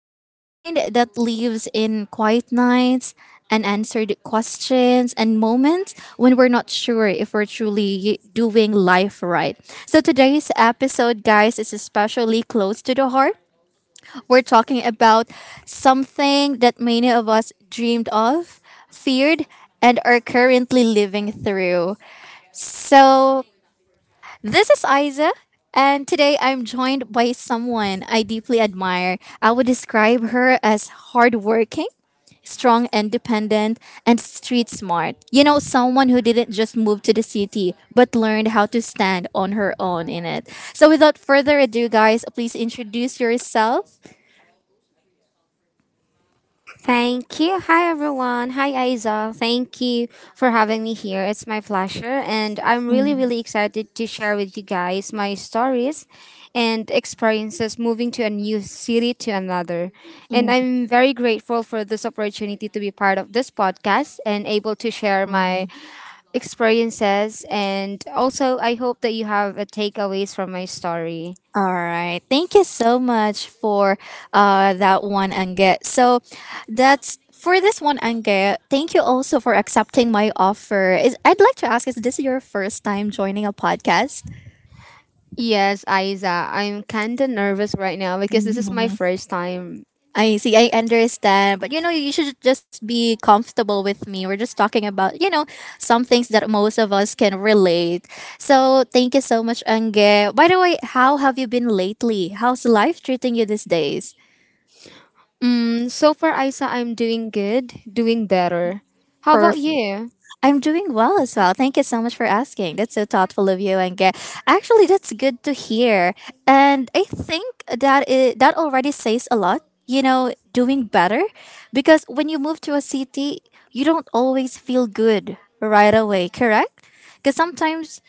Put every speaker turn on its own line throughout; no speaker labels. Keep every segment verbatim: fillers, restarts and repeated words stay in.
So, the kind that lives in quiet nights, unanswered questions and moments when we're not sure if we're truly doing life right. So today's episode, guys, is especially close to the heart. We're talking about something that many of us dreamed of, feared, and are currently living through. So this is Isa. And today I'm joined by someone I deeply admire. I would describe her as hardworking, strong, independent, and street smart. You know, someone who didn't just move to the city, but learned how to stand on her own in it. So, without further ado, guys, please introduce yourself.
Thank you. Hi, everyone. Hi, Aiza. Thank you for having me here. It's my pleasure. And I'm really, really excited to share with you guys my stories and experiences moving to a new city to another. And
Mm.
I'm very grateful for this opportunity to be part of this podcast and able to share my experiences. And also, I hope that you have a takeaways from my story.
All right. Thank you so much for uh, that one, Ange. So, that's for this one, Ange. Thank you also for accepting my offer. Is I'd like to ask, is this your first time joining a podcast?
Yes, Aiza. I'm kind of nervous right now because this is my first time
I see, I understand. But you know, you should just be comfortable with me. We're just talking about, you know, some things that most of us can relate. So thank you so much, Ange. By the way, how have you been lately? How's life treating you these days?
Mm, so far, Isa, I'm doing good, doing better. How about
Perfect.
you?
I'm doing well as well. Thank you so much for asking. That's so thoughtful of you, and actually, that's good to hear. And I think that it, that already says a lot. You know, doing better, because when you move to a city, you don't always feel good right away. Correct? Because sometimes,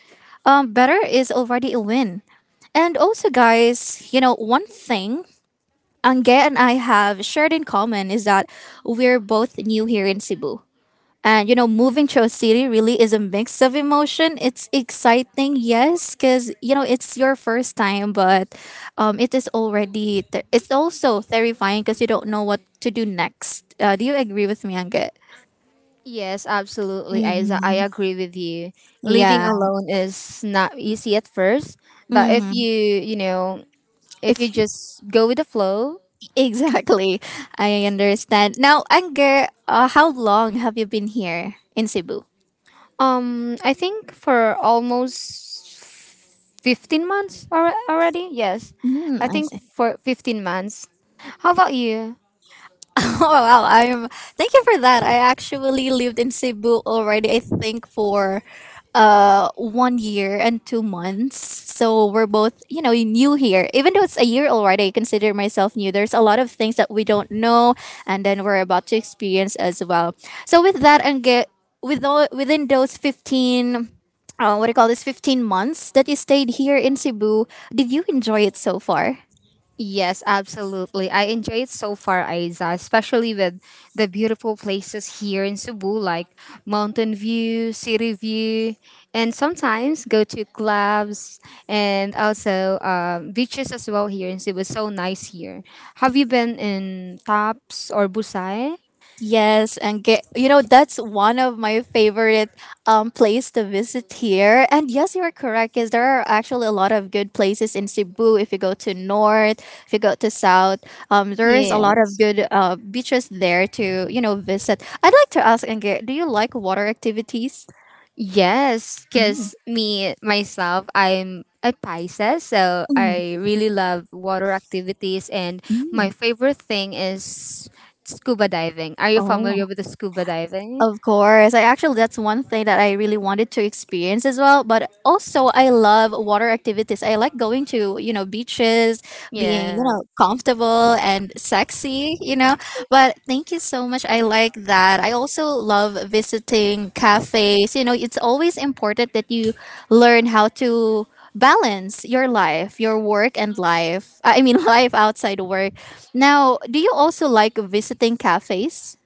um, better is already a win. And also, guys, you know, one thing Angge and I have shared in common is that we're both new here in Cebu. And you know, moving to a city really is a mix of emotion. It's exciting, yes, because you know it's your first time, but um, it is already ter- it's also terrifying because you don't know what to do next. Uh, do you agree with me, Angit?
Yes, absolutely, Isa. I
Mhm.
agree with you. Living
Yeah.
alone is not easy at first, but if
Mm-hmm.
you, you know, if you
If
just go with the flow,
exactly, I understand. Now, Anger, uh, how long have you been here in Cebu?
um, I think for almost fifteen months alre- already, yes.
Mm,
I
I
think
see.
for fifteen months. How about you?
Oh wow, I'm Thank you for that. I actually lived in Cebu already, I think for uh one year and two months. So we're both, you know, new here. Even though it's a year already, I consider myself new. There's a lot of things that we don't know and then we're about to experience as well. So with that and get with all, within those fifteen uh, what do you call this fifteen months that you stayed here in Cebu, did you enjoy it so far?
Yes, absolutely. I enjoy it so far, Aiza, especially with the beautiful places here in Cebu, like mountain view, city view, and sometimes go to clubs, and also um, beaches as well here in Cebu. So nice here. Have you been in Taps or Busai?
Yes, and get, you know that's one of my favorite um place to visit here. And yes, you're correct. Is there are actually a lot of good places in Cebu. If you go to north, if you go to south, um, there is a lot
Yeah.
of good uh beaches there to you know visit. I'd like to ask Nge, do you like water activities?
Yes, because me myself, I'm a Pisces, so
Mm,
I really love water activities, and my
mm.
favorite thing is scuba diving. Are you familiar
Oh.
with the scuba diving?
Of course. I actually that's one thing that I really wanted to experience as well. But also I love water activities. I like going to, you know, beaches, being, you
Yeah.
know, comfortable and sexy, you know. But thank you so much. I like that. I also love visiting cafes. You know, it's always important that you learn how to balance your life, your work and life. I mean life outside work. Now, do you also like visiting cafes?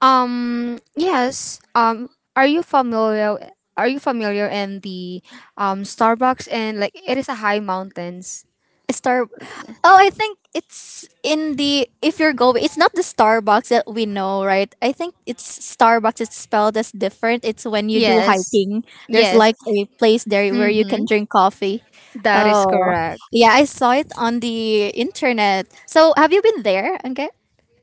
Um. Yes. Um. Are you familiar? Are you familiar in the um Starbucks, and like it is a high mountains?
Star. Oh, I think it's in the if you're going. It's not the Starbucks that we know, right? I think it's Starbucks. It's spelled as different. It's when you do
Yes.
hiking. There's
Yes.
like a place there where you
Mm-hmm.
can drink coffee.
That is
Oh,
correct.
yeah, I saw it on the internet. So have you been there? Okay.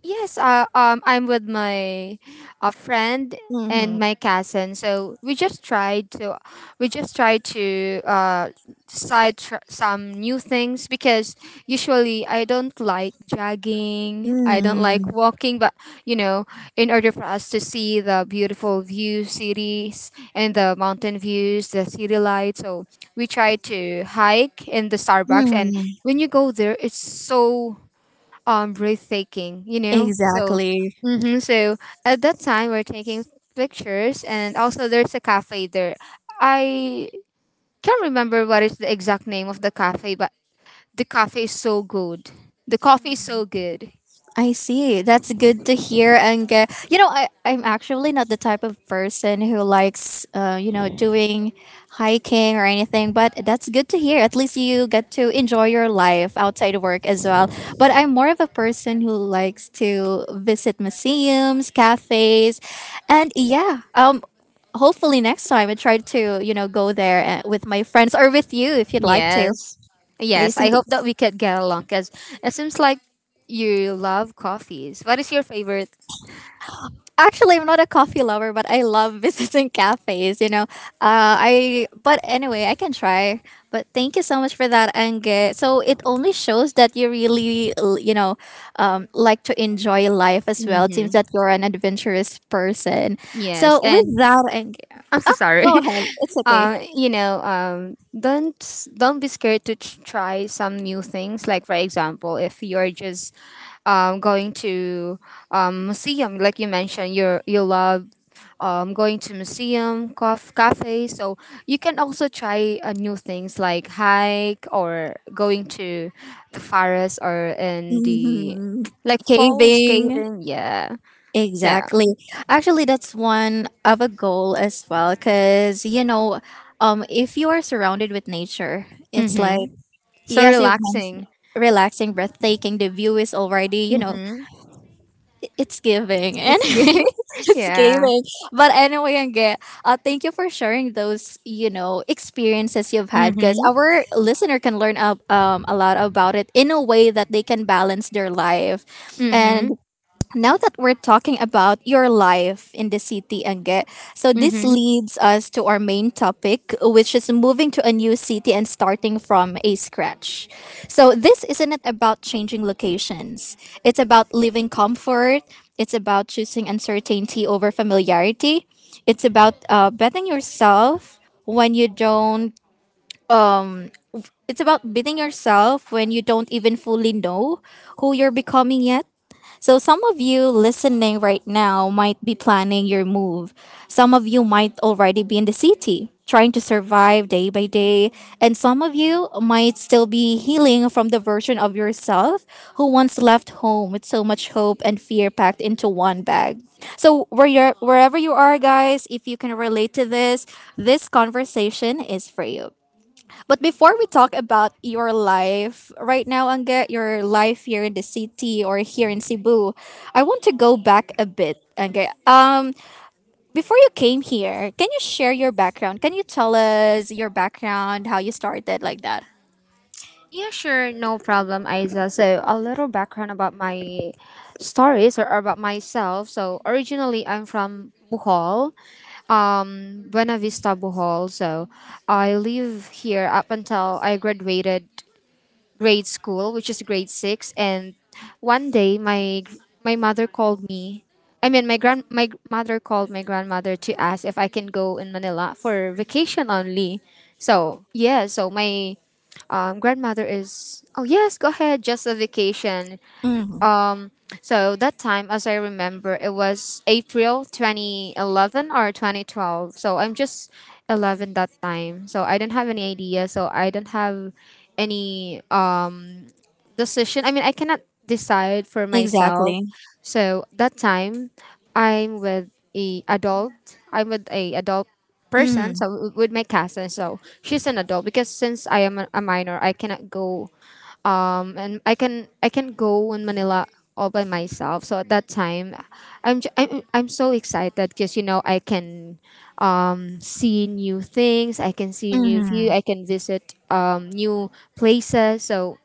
Yes, uh, um, I'm with my uh, friend and
Mm-hmm.
my cousin. So we just tried to, we just tried to uh, side tr- some new things because usually I don't like jogging, I don't like
Mm-hmm.
walking, but you know, in order for us to see the beautiful view cities and the mountain views, the city lights, so we tried to hike in the Starbucks. And when you go there, it's so um breathtaking, you know so
Exactly.
hmm so at that time we're taking pictures, and also there's a cafe there. I can't remember what is the exact name of the cafe, but the cafe is so good. The coffee is so good.
I see. That's good to hear. And uh, you know, I I'm actually not the type of person who likes, uh, you know, doing hiking or anything. But that's good to hear. At least you get to enjoy your life outside of work as well. But I'm more of a person who likes to visit museums, cafes, and yeah, um, hopefully next time I try to you know go there uh, with my friends or with you if you'd like to.
Yes,
I
yes,
see.
I hope that we could get along, because it seems like you love coffees. What is your favorite?
Actually I'm not a coffee lover, but I love visiting cafes. You know, uh, I but anyway, I can try. But thank you so much for that, Ange. So it only shows that you really, l- you know, um, like to enjoy life as well. It seems
Mm-hmm.
that you're an adventurous person.
Yes,
So with
and
that, Ange,
I'm so
oh, go
sorry.
ahead. It's okay.
Uh, you know, um, don't s- don't be scared to t- try some new things. Like for example, if you're just um, going to um, museum, like you mentioned, you you love um, going to museum, cof- cafe. So you can also try uh, new things, like hike or going to the forest or in the
Mhm.
like falls,
Caving.
caving. Yeah. So.
Exactly. Actually, that's one of a goal as well, because you know, um, if you are surrounded with nature, it's like
Mm-hmm. So
yes, you've mentioned
relaxing.
relaxing, breathtaking. The view is already, you know,
Mm-hmm.
it's giving and.
It's good.
It's
Yeah.
giving. But anyway, Angge, uh, thank you for sharing those, you know, experiences you've had because
Mm-hmm.
our listener can learn up, um, a lot about it in a way that they can balance their life.
Mm-hmm.
And now that we're talking about your life in the city, Ange, so this
Mm-hmm.
leads us to our main topic, which is moving to a new city and starting from a scratch. So this isn't about changing locations. It's about living comfort. It's about choosing uncertainty over familiarity. It's about uh, betting yourself when you don't. It's about beating yourself when you don't even fully know who you're becoming yet. So, some of you listening right now might be planning your move. Some of you might already be in the city, trying to survive day by day. And some of you might still be healing from the version of yourself who once left home with so much hope and fear packed into one bag. So, where you're, wherever you are, guys, if you can relate to this, this conversation is for you. But before we talk about your life right now, Angge, your life here in the city or here in Cebu, I want to go back a bit, Angge. Um, before you came here, can you share your background? Can you tell us your background, how you started like that?
Yeah, sure, no problem, Isa. So, a little background about my stories or about myself. So, originally, I'm from Bohol, um, Buena Vista, Bohol. So, I live here up until I graduated grade school, which is grade six. And one day, my my mother called me. I mean, my grand my g- mother called my grandmother to ask if I can go in Manila for vacation only. So
Oh.
yeah, so my um, grandmother is, oh yes, go ahead, just a vacation.
Mm,
Um, so that time, as I remember, it was April twenty eleven or twenty twelve. So I'm just eleven that time, so I don't have any idea, so I don't have any um decision. I mean, I cannot decide for myself.
exactly.
So that time, I'm with a adult. I'm with a adult person. So
Mm,
w- with my cousin. So she's an adult because since I am a, a minor, I cannot go. Um, and I can I can go in Manila all by myself. So at that time, I'm ju- I'm, I'm so excited because you know I can um see new things. I can see new view.
mm,
I can visit um new places. So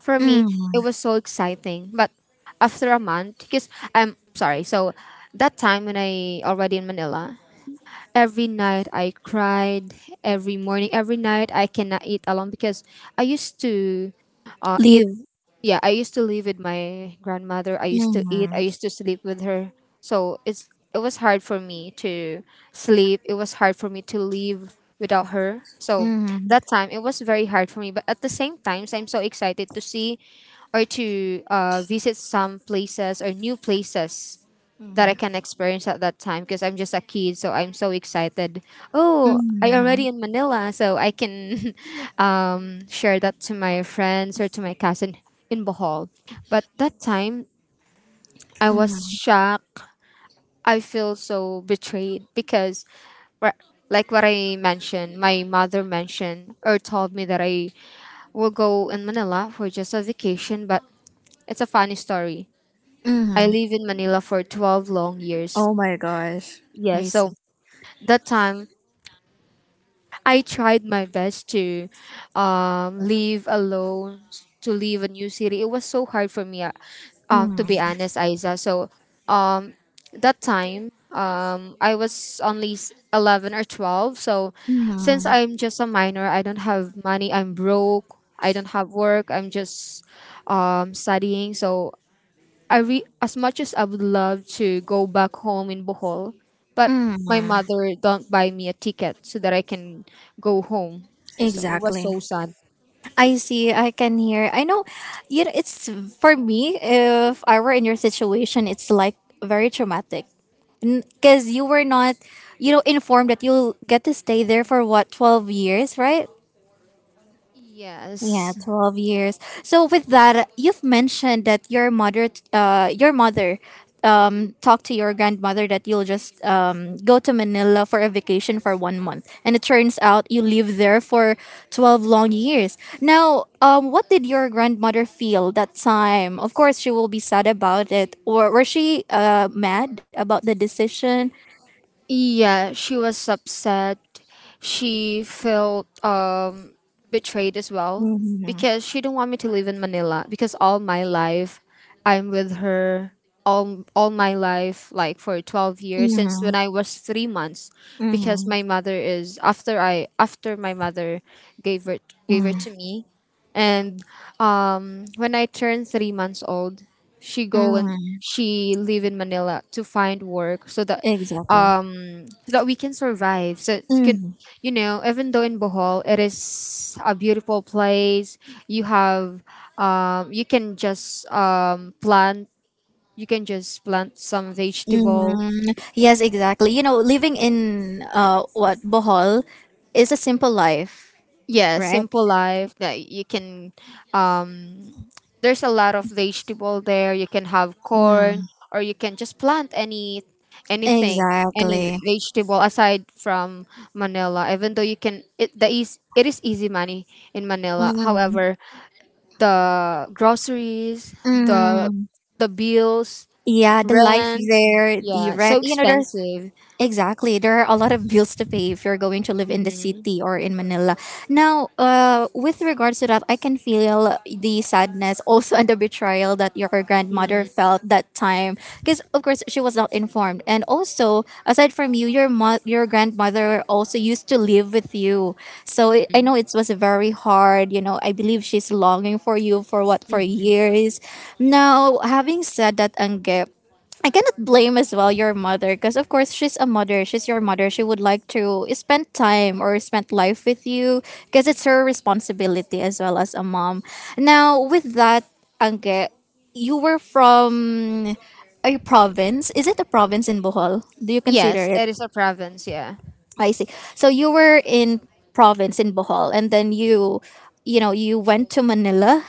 for me,
mm.
it was so exciting. But after a month, because I'm sorry, so that time when I already in Manila, every night I cried, every morning, every night I cannot eat alone because I used to, uh, eat,
Leave.
yeah, I used to live with my grandmother. I used to eat.
Mm,
I used to sleep with her. So it's it was hard for me to sleep. It was hard for me to live without her. So
mm,
that time it was very hard for me. But at the same time, I'm so excited to see or to uh, visit some places or new places that I
mm,
can experience at that time, because I'm just a kid, so I'm so excited. Oh, I already
mm,
in Manila, so I can um, share that to my friends or to my cousin in Bohol. But that time, I was
mm,
shocked. I feel so betrayed because, wha- like what I mentioned, my mother mentioned or told me that I will go in Manila for just a vacation. But it's a funny story. I
mm.
live in Manila for twelve long years.
Oh my gosh.
Yeah,
I
so
see.
that time I tried my best to um, live alone, to leave a new city. It was so hard for me, uh, um, to be
Mm,
honest, Isa. So um, that time, um, I was only s- eleven or twelve. So since
mm,
I'm just a minor, I don't have money. I'm broke. I don't have work. I'm just um, studying. So I re- as much as I would love to go back home in Bohol, but my
mm.
mother don't buy me a ticket so that I can go home. So it was
Exactly.
so sad.
I see. I can hear. I know. You know, it's for me. If I were in your situation, it's like very traumatic because you were not, you know, informed that you'll get to stay there for what twelve years, right? Yeah,
Yes,
twelve years. So with that, you've mentioned that your mother uh your mother um talked to your grandmother that you'll just um go to Manila for a vacation for one month. And it turns out you live there for twelve long years. Now, um what did your grandmother feel that time? Of course, she will be sad about it or was she uh mad about the decision?
yeah, she was upset. She felt um betrayed as well
Mhm.
because she didn't want me to live in Manila, because all my life I'm with her, all all my life, like for twelve years, since when
Mhm.
I was three months, because
Mhm.
my mother is, after I after my mother gave it gave it to
Mhm.
me, and um when I turned three months old, she go, and
Mhm.
she live in Manila to find work so that
Exactly.
um so that we can survive. So it's, can, you know, even though in Bohol, it is a beautiful place, you have, um you can just um plant you can just plant some vegetable.
Hmm. Yes, exactly. You know, living in uh, what Bohol is a simple life,
Yeah,
right?
simple life. That you can um there's a lot of vegetable there, you can have corn,
Mm.
or you can just plant any, anything any
Exactly.
vegetable, aside from Manila, even though you can, it the is it is easy money in Manila.
Mm.
However, the groceries, the
Mm.
the bills,
Yeah, the life
rent,
there, the
yeah, so
rent. You know, there's
expensive.
exactly. There are a lot of bills to pay if you're going to live in the
Hmm,
city or in Manila. Now, uh, with regards to that, I can feel the sadness also and the betrayal that your grandmother felt that time. Because, of course, she was not informed. And also, aside from you, your, mo- your grandmother also used to live with you. So I I know it was very hard. You know, I believe she's longing for you for what, for years. Now, having said that, Angge, I cannot blame as well your mother because of course she's a mother. She's your mother. She would like to spend time or spend life with you because it's her responsibility as well as a mom. Now with that, Anke, you were from a province. Is it a province in Bohol? Do you consider
yes,
it?
it is a province. Yeah,
I see. So you were in province in Bohol and then you you know you went to Manila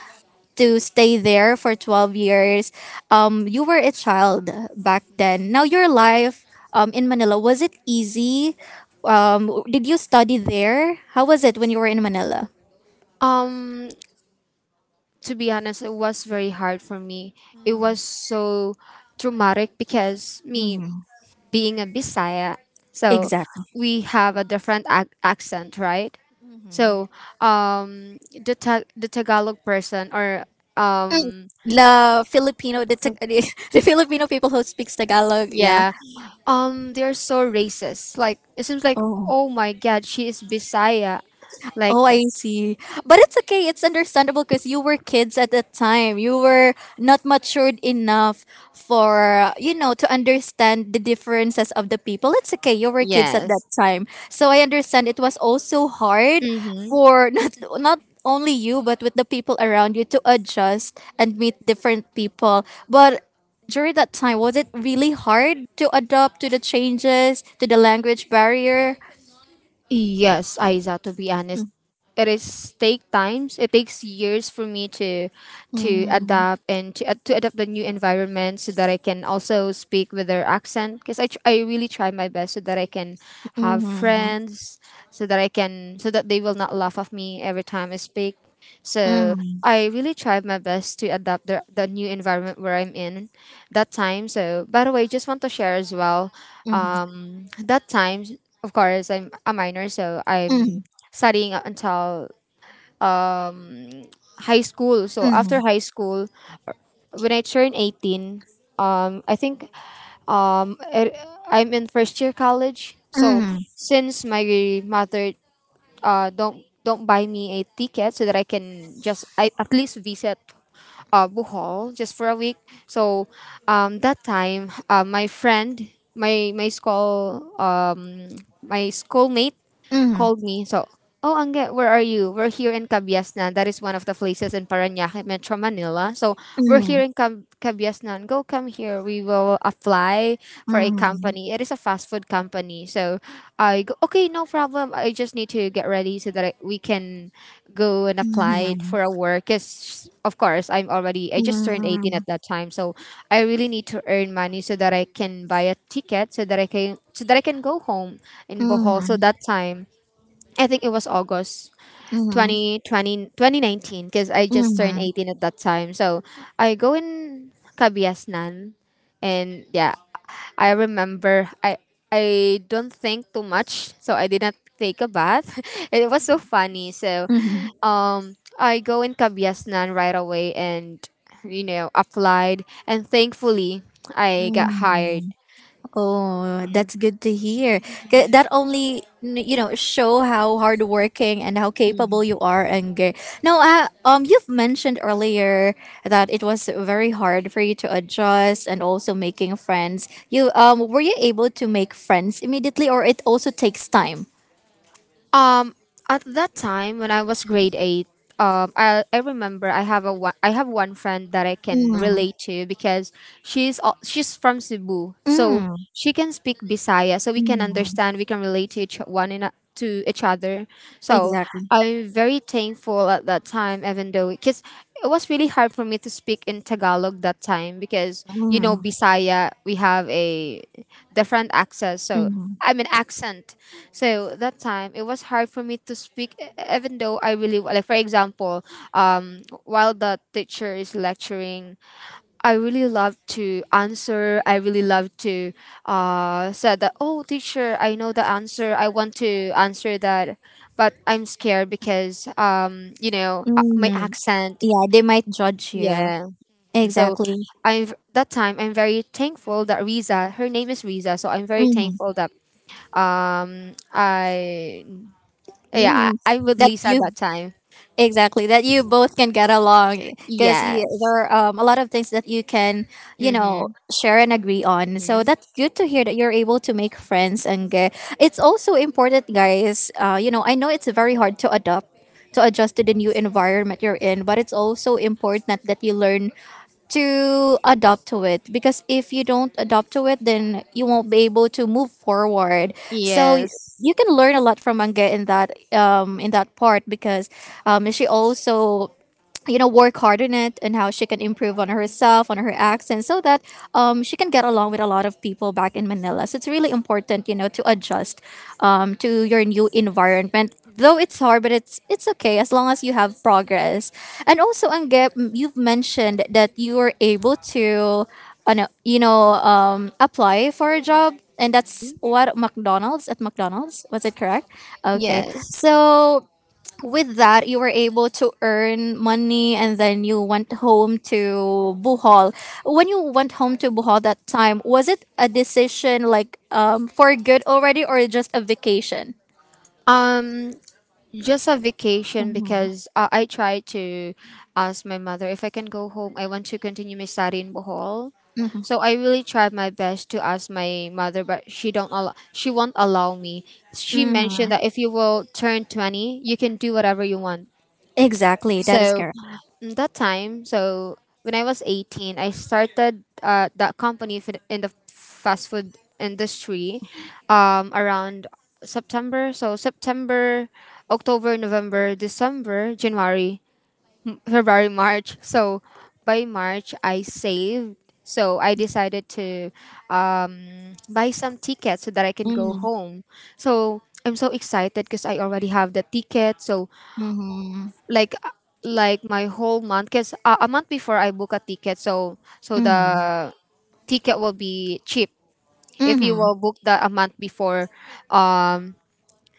to stay there for twelve years. Um you were a child back then. Now your life um in Manila was it easy? Um did you study there? How was it when you were in Manila?
um to be honest, it was very hard for me. It was so traumatic, because me being a Bisaya, so
Exactly.
we have a different ac- accent, right? So, um, the ta- the Tagalog person, or um,
The Filipino the,
so-
Tag- the Filipino people who speaks Tagalog, yeah.
yeah, um, they're so racist. Like it seems like,
Oh.
oh my god, she is Bisaya. Like
Oh,
the-
I see. But it's okay. It's understandable because you were kids at that time. You were not
okay lang.
matured enough for, you know, to understand the differences of the people. It's okay. You were kids at that
Yes,
time. So I understand it was also hard
mm-hmm.
for not, not only you, but with the people around you to adjust and meet different people. But during that time, was it really hard to adapt to the changes, to the language barrier?
Yes, Aiza, to be honest. It is take times. It takes years for me to to
Mm,
adapt, and to, to adapt the new environment so that I can also speak with their accent, because I, tr- I really try my best so that I can have friends, so that I can so that they will not laugh at me every time I speak. So
mm,
I really tried my best to adapt the, the new environment where I'm in that time. So by the way, just want to share as well. Um, that time, of course, I'm a minor, so I'm studying until um, high school. So after
mm,
high school, when I turn eighteen, um, I think um, it, I'm in first year college. So
mm.
since my mother uh, don't don't buy me a ticket so that I can just I, at least visit uh, Bohol just for a week. So um, that time, uh, my friend, my my school, um, my schoolmate
Mhm,
called me. So, oh, Angge, where are you? We're here in Cabiasnan. That is one of the places in Parañaque, Metro Manila. So, we're here in Cab- Cabiasnan. Go, come here. We will apply for a company. It is a fast food company. So, I go, okay, no problem. I just need to get ready so that I, we can go and apply for a work. Because, of course, I'm already, I just turned eighteen at that time. So, I really need to earn money so that I can buy a ticket, so that I can so that I can go home in Bohol. So
mhm,
that time I think it was August
mhm,
twenty twenty twenty nineteen, because I just turned
mhm,
eighteen at that time. So I go in Kabiasnan, and yeah, I remember I I don't think too much, so I did not take a bath. It was so funny. So
mhm,
um I go in Kabiasnan right away, and you know applied, and thankfully I got hired.
mhm. Oh, that's good to hear. 'Ca- That only n- you know show how hardworking and how capable you are. And ge- now, uh, um, you've mentioned earlier that it was very hard for you to adjust and also making friends. You um, were you able to make friends immediately, or it also takes time?
Um, at that time when I was grade eight, um, I, I remember I have a one, I have one friend that I can
Mm,
relate to because she's al- she's from Cebu, so
mm,
she can speak Bisaya, so we can
mm,
understand, we can relate to each one in a, to each other. So
exactly.
I'm very thankful at that time, even though because it was really hard for me to speak in Tagalog that time because you know
Mm,
Bisaya we have a different accents. So
mm,
I mean accent. So that time it was hard for me to speak, e- even though I really like. For example, um, while the teacher is lecturing, I really love to answer. I really love to uh said that oh teacher, I know the answer. I want to answer that, but I'm scared because um you know uh, my
mm.
accent.
Yeah, they might judge you.
Yeah. So
Exactly.
I that time I'm very thankful that Riza, her name is Riza, so I'm very
hmm
thankful that um, I yeah,
hmm
I, I'm with
That
Lisa
you
that time.
exactly that you both can get along because there
Yes.
are um, a lot of things that you can you
Mm-hmm.
know share and agree on. So
hmm
that's good to hear that you're able to make friends and get. It's also important, guys. Uh, you know, I know it's very hard to adopt to adjust to the new environment you're in, but it's also important that you learn to adopt to it because if you don't adopt to it then you won't be able to move forward so y-
Yes.
you can learn a lot from manga in that um in that part because um she also you know work hard on it and how she can improve on herself on her accent so that um, she can get along with a lot of people back in manila so it's really important you know to adjust um, to your new environment though it's hard but it's it's okay as long as you have progress. And also Angge, m- you've mentioned that you were able to uh, no, you know um, apply for a job and that's what McDonald's at McDonald's was it correct, okay.
Yes.
So with that you were able to earn money and then you went home to Bohol. When you went home to Bohol that time, was it a decision like um for good already or just a vacation?
Um, just a vacation because uh, I tried to ask my mother if I can go home. I want to continue my study in Bohol.
Mm-hmm.
So I really tried my best to ask my mother, but she don't allow. She won't allow me. She
Mm-hmm.
mentioned that if you will turn twenty, you can do whatever you want.
Exactly, that is
So
correct.
mm, that time, so when I was eighteen, I started uh, that company for the- in the fast food industry um, around September. So September, October, November, December, January, February, March. So by March, I saved. So I decided to um, buy some tickets so that I can go
Mm-hmm.
home. So I'm so excited because I already have the ticket. So
Mm-hmm.
like uh, like my whole month because uh, a month before I book a ticket, so so
Mm-hmm.
the ticket will be cheap if you
Mm-hmm.
will book that a month before, um,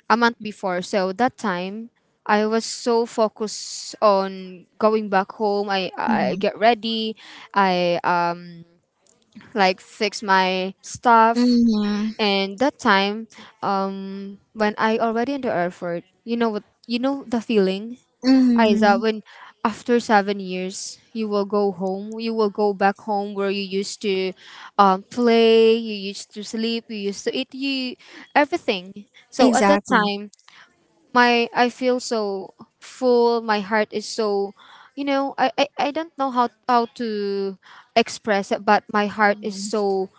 a month before. So that time I was so focused on going back home. I I get ready, I um like fix my stuff,
Mm-hmm.
and that time um when I already in the airport, you know what you know the feeling Aiza,
Mm-hmm.
when after seven years, you will go home. You will go back home where you used to um, play, you used to sleep, you used to eat, you everything. So at that
Exactly.
time, my I feel so full. My heart is so, you know, I I, I don't know how how to express it, but my heart is
Mhm.
so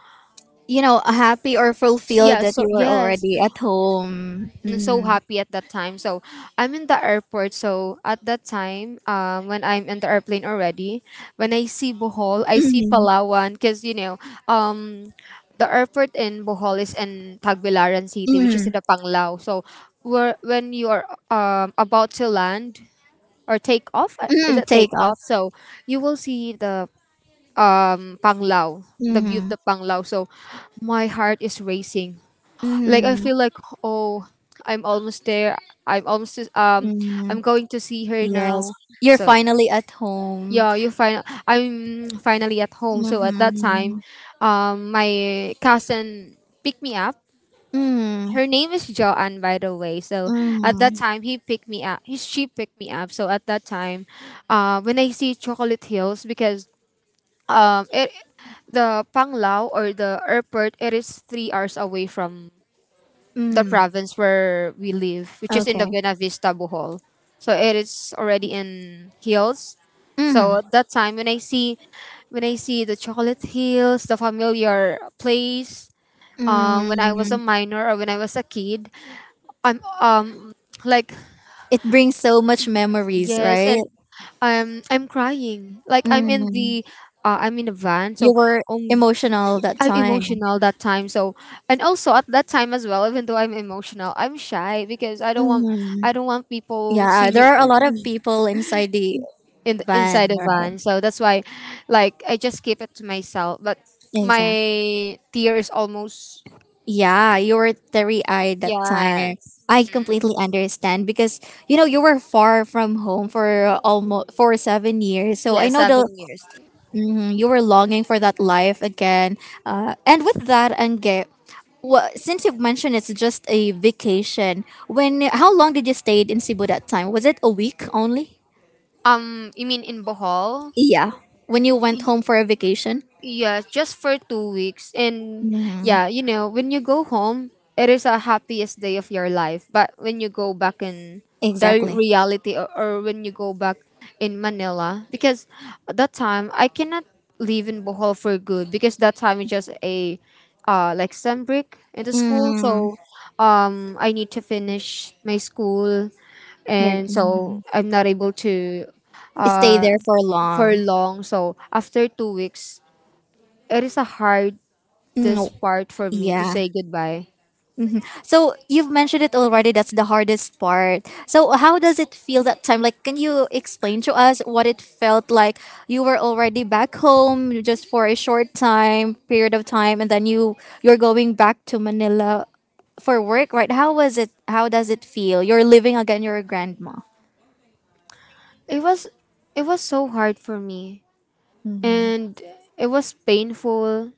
You know, happy or fulfilled
yeah.
that
So
you were
yes,
already at home.
mm, so
Mm-hmm.
happy at that time. So I'm in the airport. So at that time, um, when I'm in the airplane already, when I see Bohol, I see
Mm-hmm.
Palawan, because you know, um, the airport in Bohol is in Tagbilaran City, which is
Mm-hmm.
in the Panglao. So where when you are um about to land or take off, uh, is
Mm-hmm.
it
Take
take
off.
off? So you will see the um Panglao, the view of
Mm-hmm.
the Panglao. So my heart is racing like I
Mm-hmm.
feel like oh, I'm almost there. I'm almost um
Mm-hmm.
I'm going to see her
Yes.
now.
You're
So
finally at home.
yeah, you find I'm finally at home. So at that time,
Mm-hmm.
um my cousin picked me up.
Mm.
Her name is Joanne, by the way. So at that
Mm.
time, he picked me up. He, she picked me up. So at that time, uh, when I see Chocolate Hills, because um, it the Panglao or the airport, it is three hours away from the
Mm.
province where we live, which is in the
Okay.
Buena Vista, Bohol. So it is already in hills.
Mm-hmm.
So at that time, when I see, when I see the chocolate hills, the familiar place, um, when I was a
Mm.
minor or when I was a kid, I'm um like
It brings so much memories,
yes,
right?
and I'm I'm crying. Like I'm in
Mm.
the, uh, I'm in the van.
You
So
were
um
emotional that
I'm
time.
emotional that time. So, and also at that time as well, even though I'm emotional, I'm shy because I don't want
Mm.
I don't want people
Yeah,
see
there
me
are a lot of people inside the
in the,
van,
inside the
right?
van. So that's why, like, I just keep it to myself. But
Exactly.
my tear is almost
Yeah, you were teary eyed that time.
yeah
I completely understand because you know you were far from home for almost for seven years. So
yeah
I know
seven
the
years.
mhm, you were longing for that life again. Uh, and with that, Angge, well, since you've mentioned it's just a vacation, when how long did you stay in Cebu that time? Was it a week only?
Um, you mean in Bohol?
Yeah, when you went home for a vacation.
Yeah, just for two weeks. And
Mhm,
yeah, you know, when you go home, it is a happiest day of your life. But when you go back in the
Exactly.
reality or, or when you go back in Manila, because at that time I cannot live in Bohol for good because that time is just a uh like sun break in the school.
Mm,
So um I need to finish my school
you're,
and so
mhm.
I'm not able to stay
Stay
uh
there for
for
long.
long. So after two weeks it is a hardest
Mm,
part for me to
Yeah.
say goodbye.
Mhm. So you've mentioned it already. That's the hardest part. So how does it feel that time? Like, can you explain to us what it felt like? You were already back home just for a short time period of time, and then you you're going back to Manila for work, right? How was it? How does it feel? You're living again. You're a grandma.
It was it was so hard for me and it was painful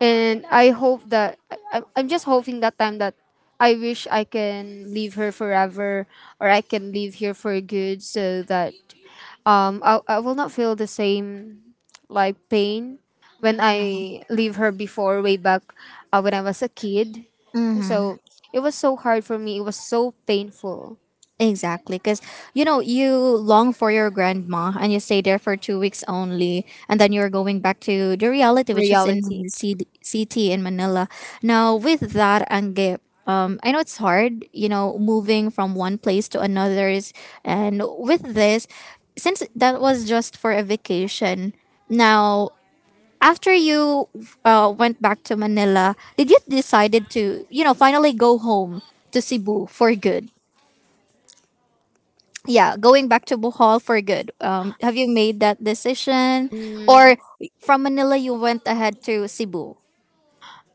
and I hope that I, I- I'm just hoping that time that I wish I can leave her forever or I can leave here for good so that um I, I will not feel the same like pain when I leave her before way back uh, when I was a kid. So it was so hard for me. It was so painful.
Exactly, because you know you long for your grandma and you stay there for two weeks only, and then you're going back to the reality, which is in
Reality.
the C D- city in Manila. Now with that, Angge, um, I know it's hard, you know, moving from one place to another's, and with this, since that was just for a vacation, now after you uh, went back to Manila, did you decided to you know finally go home to Cebu for good? Yeah, going back to Bohol for good. Um, have you made that decision,
Mm,
or from Manila you went ahead to Cebu?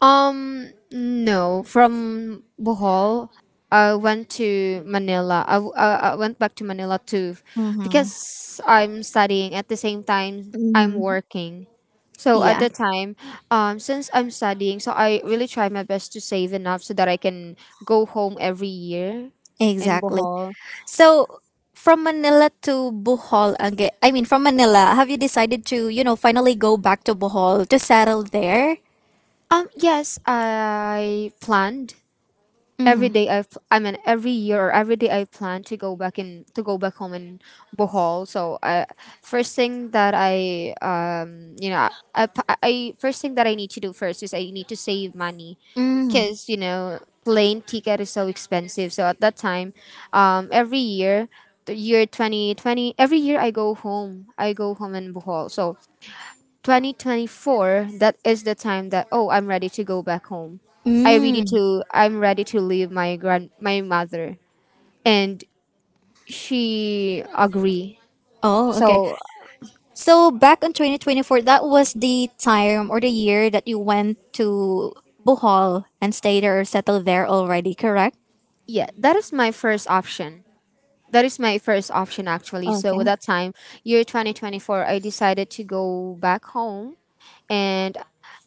um, no. From Bohol, I went to Manila. I, w- I- I went back to Manila too,
Mm-hmm.
because I'm studying at the same time I'm
Mm-hmm.
working. So at
Yeah,
the time, um, since I'm studying, so I really try my best to save enough so that I can go home every year in
exactly.
Bohol.
So from Manila to Bohol again. I mean, from Manila, have you decided to you know finally go back to Bohol to settle there?
Um, yes, I planned every
Mm-hmm.
day I, f- I mean every year or every day I plan to go back in to go back home in Bohol. So I first thing that I um you know I, I I- first thing that I need to do first is I need to save money
Mm.
because you know plane ticket is so expensive. So at that time, um every year the year twenty twenty every year I go home I go home in Bohol. So twenty twenty-four that is the time that oh I'm ready to go back home. i ready
Mm.
to I'm ready to leave my grand my mother and she agree.
Oh, okay.
So
So back in twenty twenty-four, that was the time or the year that you went to Bohol and stayed there or settled there already, correct?
yeah, that is my first option that is my first option actually. So
Okay.
at that time, year twenty twenty-four, I decided to go back home and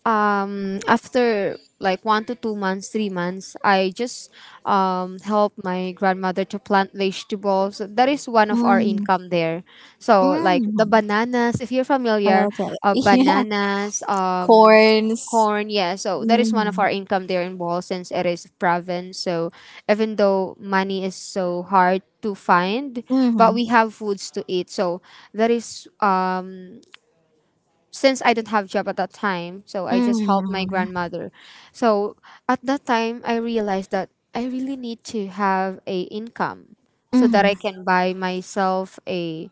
um after like one to two months three months I just um help my grandmother to plant vegetables. That is one of our
Mm.
income there. So like the
Mm.
bananas if you're familiar.
Okay.
Uh,
Yeah.
bananas um
Corns.
corn, yeah, so that is one of
Mm.
our income there in Bohol since it is province. So even though money is so hard to find, but
Mm.
we have foods to eat. So that is um since I don't have job at that time, so I just helped my
Mm.
grandmother. So at that time, I realized that I really need to have a income so that I
Mm.
can buy myself a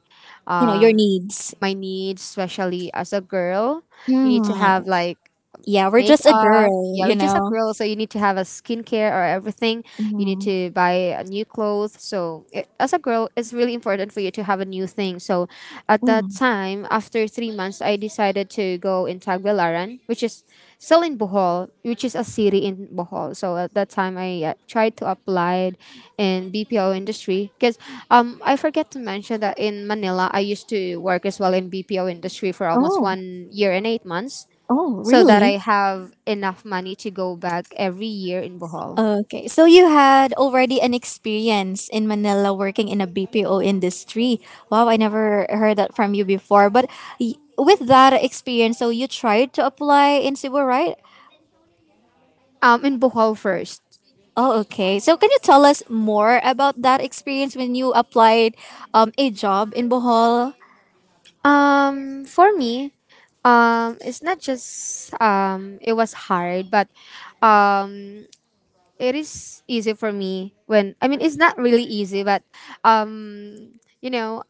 You know, your
um
needs.
my needs, especially as a girl. You need to have
Mm.
like
Yeah, we're just a
makeup.
girl,
Yeah, we're
you
just a
know.
girl, so you need to have a skincare or everything. You need
Mm.
to buy a new clothes. So it, as a girl, it's really important for you to have a new thing. So at that
Mm.
time, after three months, I decided to go in Tagbilaran, which is still in Bohol, which is a city in Bohol. So at that time, I uh, tried to apply in B P O industry because um I forget to mention that in Manila, I used to work as well in B P O industry for almost
Oh.
one year and eight months
Oh,
so that
really?
I have enough money to go back every year in Bohol.
Okay. So you had already an experience in Manila working in a B P O industry. Wow, I never heard that from you before. But y- with that experience, so you tried to apply in Cebu, right?
Um, in Bohol first.
Oh, okay. So can you tell us more about that experience when you applied um, a job in Bohol?
Um, for me, um, it's not just um, it was hard, but um, it is easy for me when I mean it's not really easy, but um, you know,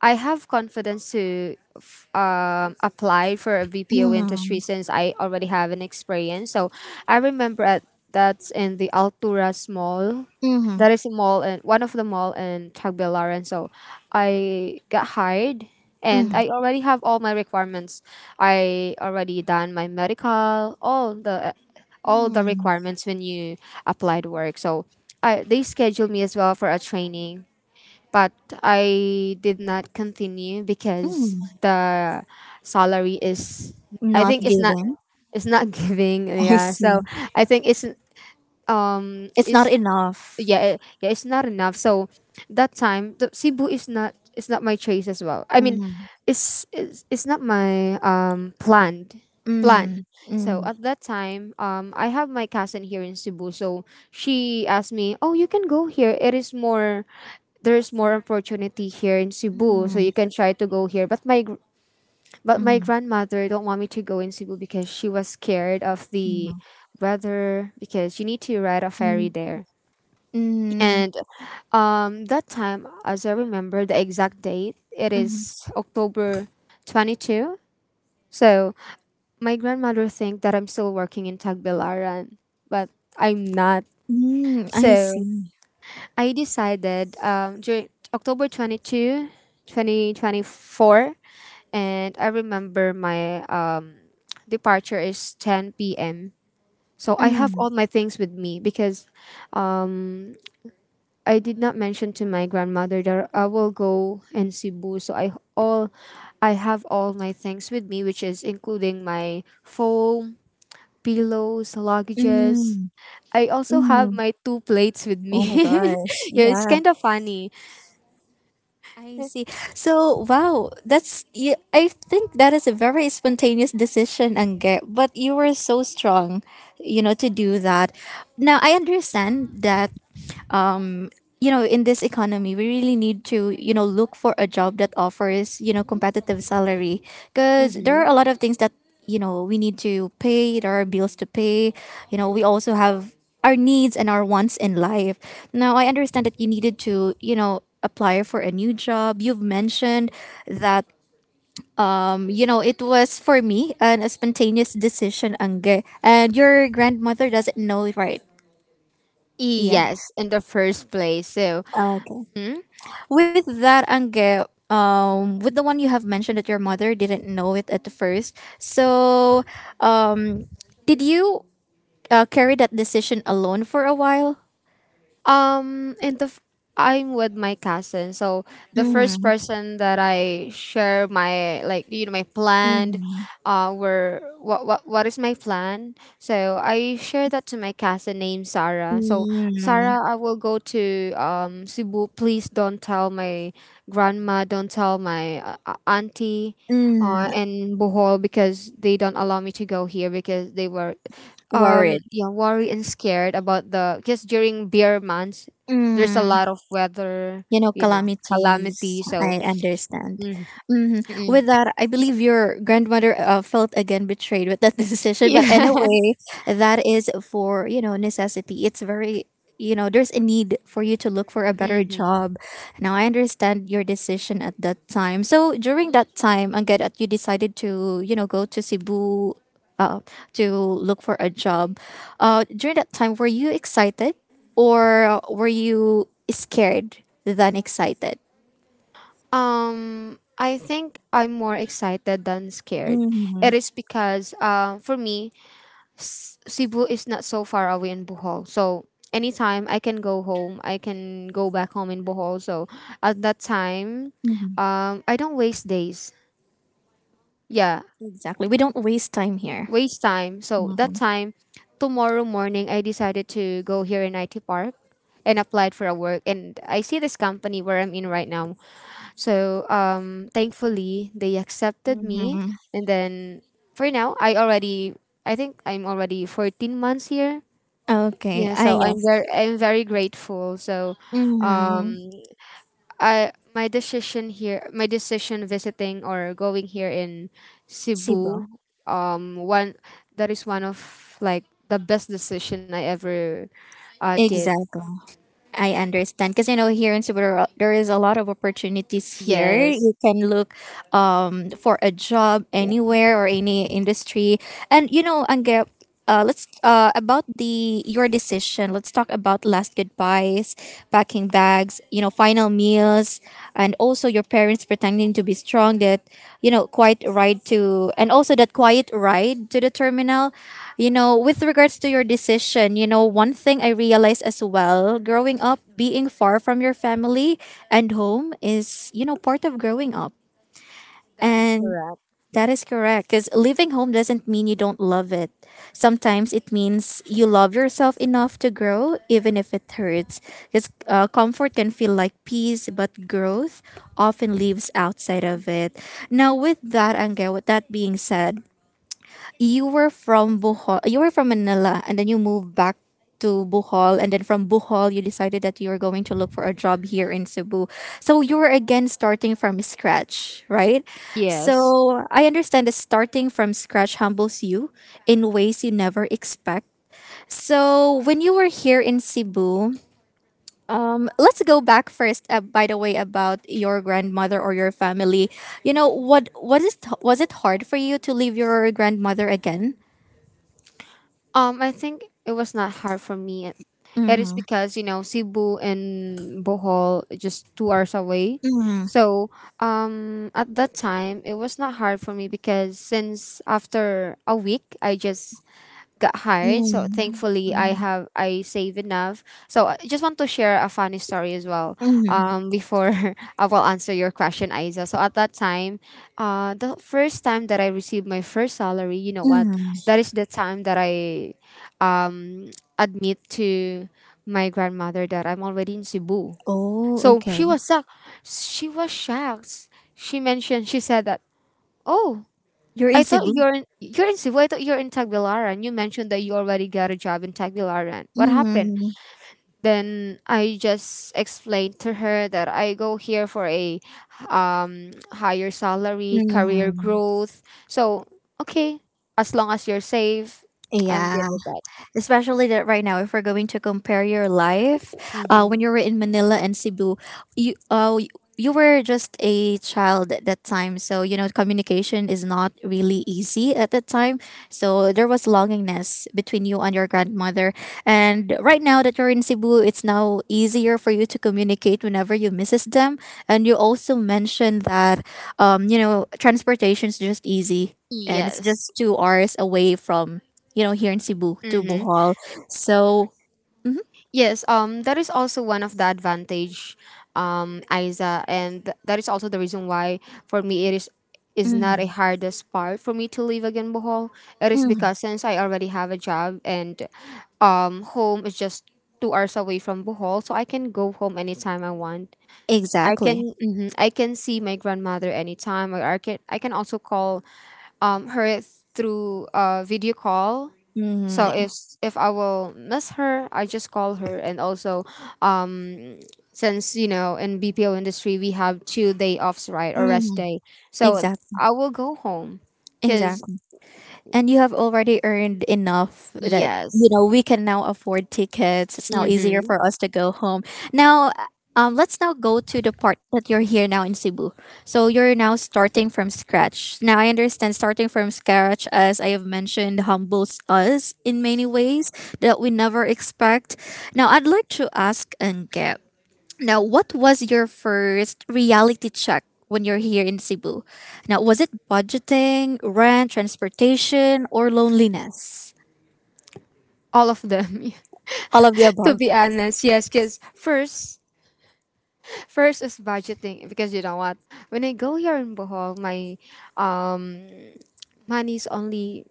I have confidence to f- um, apply for a V P O industry
Mm-hmm.
since I already have an experience. So I remember at, that's in the Alturas Mall.
Mm-hmm.
That is a mall and one of the mall in Tagbilaran. So I got hired and
Mm-hmm.
I already have all my requirements. I already done my medical, all the all the
Mm-hmm.
requirements when you applied work. So I, they scheduled me as well for a training but I did not continue because
Mm-hmm.
the salary is I
Not
think it's not
given.
it's not giving
I
yeah. So
see.
I think it's um
It's not
it's
enough.
yeah, eh, yeah, it's not enough. So that time, the Cebu is not it's not my choice as well. I mean,
Mm-hmm.
it's it's, it's not my um planned
Mm-hmm.
plan. So
Mm-hmm.
at that time, um, I have my cousin here in Cebu. So she asked me, "Oh, you can go here. It is more there's more opportunity here in Cebu, so
Mm-hmm.
you can try to go here. But my gr- but my grandmother don't want me to go in Cebu because she was scared of the
Mm-hmm.
weather because you need to ride a ferry
Mm.
there.
Mm.
And um, that time, as I remember the exact date, it
Mhm.
is October twenty-second. So my grandmother think that I'm still working in Tagbilaran, but I'm not.
Mm. I
So
see.
I decided um, during October twenty-second, twenty twenty-four, and I remember my um, departure is ten p m. So I have
Mm.
all my things with me because um, I did not mention to my grandmother that I will go in Cebu, so I all I have all my things with me, which is including my foam, pillows, luggages.
Mm.
I also have
Mm.
my two plates with me.
Oh my gosh.
Yeah, it's
Yeah.
kind of funny.
I see. So, wow, that's you, I think that is a very spontaneous decision, Angge, but you were so strong, you know, to do that. Now, I understand that you know in this economy we really need to you know look for a job that offers you know competitive salary because there are
hmm
a lot of things that you know we need to pay there are bills to pay you know we also have our needs and our wants in life. Now I understand that you needed to you know apply for a new job. You've mentioned that um, you know it was for me an, a spontaneous decision Angge and your grandmother doesn't know, right? Yeah,
Yes, in the first place. So,
okay.
mhm.
With that Angge, um with the one you have mentioned that your mother didn't know it at first, so um did you uh, carry that decision alone for a while?
Um, and the f- I'm with my cousin, so the first
mm,
person that I share my, like, you know, my plan,
mm,
uh, were what what what is my plan? So I share that to my cousin named Sarah. So, Sarah,
mm,
I will go to um Cebu. Please don't tell my grandma, don't tell my uh, uh, auntie,
mm,
uh, and Bohol, because they don't allow me to go here because they were um
worried.
yeah, worry and scared about the, because during beer months there's a
mm.
lot of weather,
You know,
you know,
calamities,
calamity. So
I understand.
mm,
hmm
mm.
with that I believe your grandmother uh, felt again betrayed with that decision, but
Yeah.
anyway that is for you know necessity, it's very you know there's a need for you to look for a better
hmm
job. Now I understand your decision at that time. So during that time again that you decided to you know go to Cebu, uh, to look for a job. Uh, during that time, were you excited or were you scared than excited?
um I think I'm more excited than scared. It
Mhm,
is because uh, for me S- Cebu is not so far away in Bohol, so anytime I can go home, I can go back home in Bohol. So at that time,
mhm.
um I don't waste days, yeah,
Exactly. We don't waste time here.
waste time. So that
Mhm.
time, tomorrow morning, I decided to go here in I T Park and applied for a work. And I see this company where I'm in right now. So, um, thankfully, they accepted me.
Mhm.
And then for now, I already, I think I'm already fourteen months here.
Okay.
Yeah,
Ah,
so I'm
yes.
very, I'm very grateful. So,
Mm-hmm.
um, I my decision here, my decision visiting or going here in
Cebu.
Cebu, um, one that is one of, like, the best decision I ever uh did.
Exactly. I understand because you know here in Cebu there is a lot of opportunities here.
Yes,
You can look um for a job
yeah,
anywhere or any industry. And you know, Angge, uh, let's uh about the your decision. Let's talk about last goodbyes, packing bags, you know, final meal illness and also your parents pretending to be strong that you know quiet ride to and also that quiet ride to the terminal. You know with regards to your decision, you know one thing I realized as well growing up being far from your family and home is you know part of growing up,
that is
and
correct.
that is correct. Because leaving home doesn't mean you don't love it. Sometimes it means you love yourself enough to grow, even if it hurts. Because uh, comfort can feel like peace, but growth often lives outside of it. Now, with that, Angel, with that being said, you were from Bohol, you were from Manila, and then you moved back to Bohol, and then from Bohol, you decided that you were going to look for a job here in Cebu. So you were again starting from scratch, right?
Yes.
So I understand that starting from scratch humbles you in ways you never expect. So when you were here in Cebu, let's go back first. Uh, by the way, about your grandmother or your family, you know what? Was it was it hard for you to leave your grandmother again?
Um, I think it was not hard for me. It it is because, you know, Cebu and Bohol is just two hours away,
Mm,
so um at that time it was not hard for me because since after a week I just got hired. So
mm,
thankfully, I
mm,
have I save enough. So I just want to share a funny story as well.
mm, mm.
Um, before I will answer your question, Isa. So at that time, uh, the first time that I received my first salary, you know what?
mm.
That is the time that I, um, admit to my grandmother that I'm already in Cebu.
Oh,
So
okay.
she was shocked. She was shocked. She mentioned. She said that. Oh,
You're
I
in
thought
Cebu.
you're in you're in Cebu. I thought you're in Tagbilaran. You mentioned that you already got a job in Tagbilaran. What happened?
Mm,
Then I just explained to her that I go here for a um higher salary, career
mm.
growth. So, okay, as long as you're safe, I'm
Yeah.
good with that.
Especially that right now if we're going to compare your life uh,
Mm-hmm.
when you were in Manila and Cebu, you uh, you were just a child at that time, so you know communication is not really easy at that time, so there was longingness between you and your grandmother. And right now that you're in Cebu it's now easier for you to communicate whenever you misses them, and you also mentioned that um, you know transportation is just easy and it's
Yes.
just two hours away from you know, here in Cebu to
Mm-hmm.
Bohol. So, mhm,
Yes, um, that is also one of the advantage, um, Isa, and th- that is also the reason why for me it is is not a
mhm,
hardest part for me to leave again Bohol. It is
mhm.
because since I already have a job, and um home is just two hours away from Bohol, so I can go home anytime I want. I
Exactly.
can mhm, I can see my grandmother anytime. Or I can I can also call um her through uh video call.
Mhm,
So if s- if I will miss her, I just call her. And also, um, since, you know, in B P O industry we have two day offs, right, or rest
mhm.
day. So
Exactly.
I will go home, cause
Exactly. And you have already earned enough that you
yes,
know we can now afford tickets, it's now easier
mm-hmm.
for us to go home now. um, let's now go to the part that you're here now in Cebu. So you're now starting from scratch. Now I understand starting from scratch, as I have mentioned, humbles us in many ways that we never expect. Now I'd like to ask Angep, now, what was your first reality check when you're here in Cebu? Now, was it budgeting, rent, transportation, or loneliness?
All of them.
All of the
To
above.
be honest, yes, cause first first is budgeting because, you know what, when I go here in Bohol, my um money's only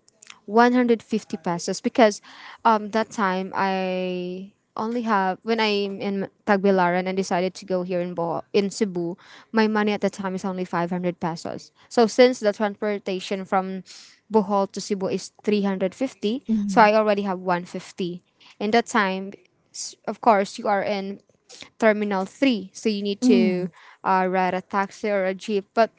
one hundred fifty pesos because um that time I only have, when I'm in Tagbilaran and decided to go here in Bohol, in Cebu, my money at the time is only five hundred pesos. So since the transportation from Bohol to Cebu is three hundred fifty, so
Mm,
I already have one hundred fifty. In that time, s- of course, you are in Terminal three, so you need to
mm,
uh, ride a taxi or a jeep, but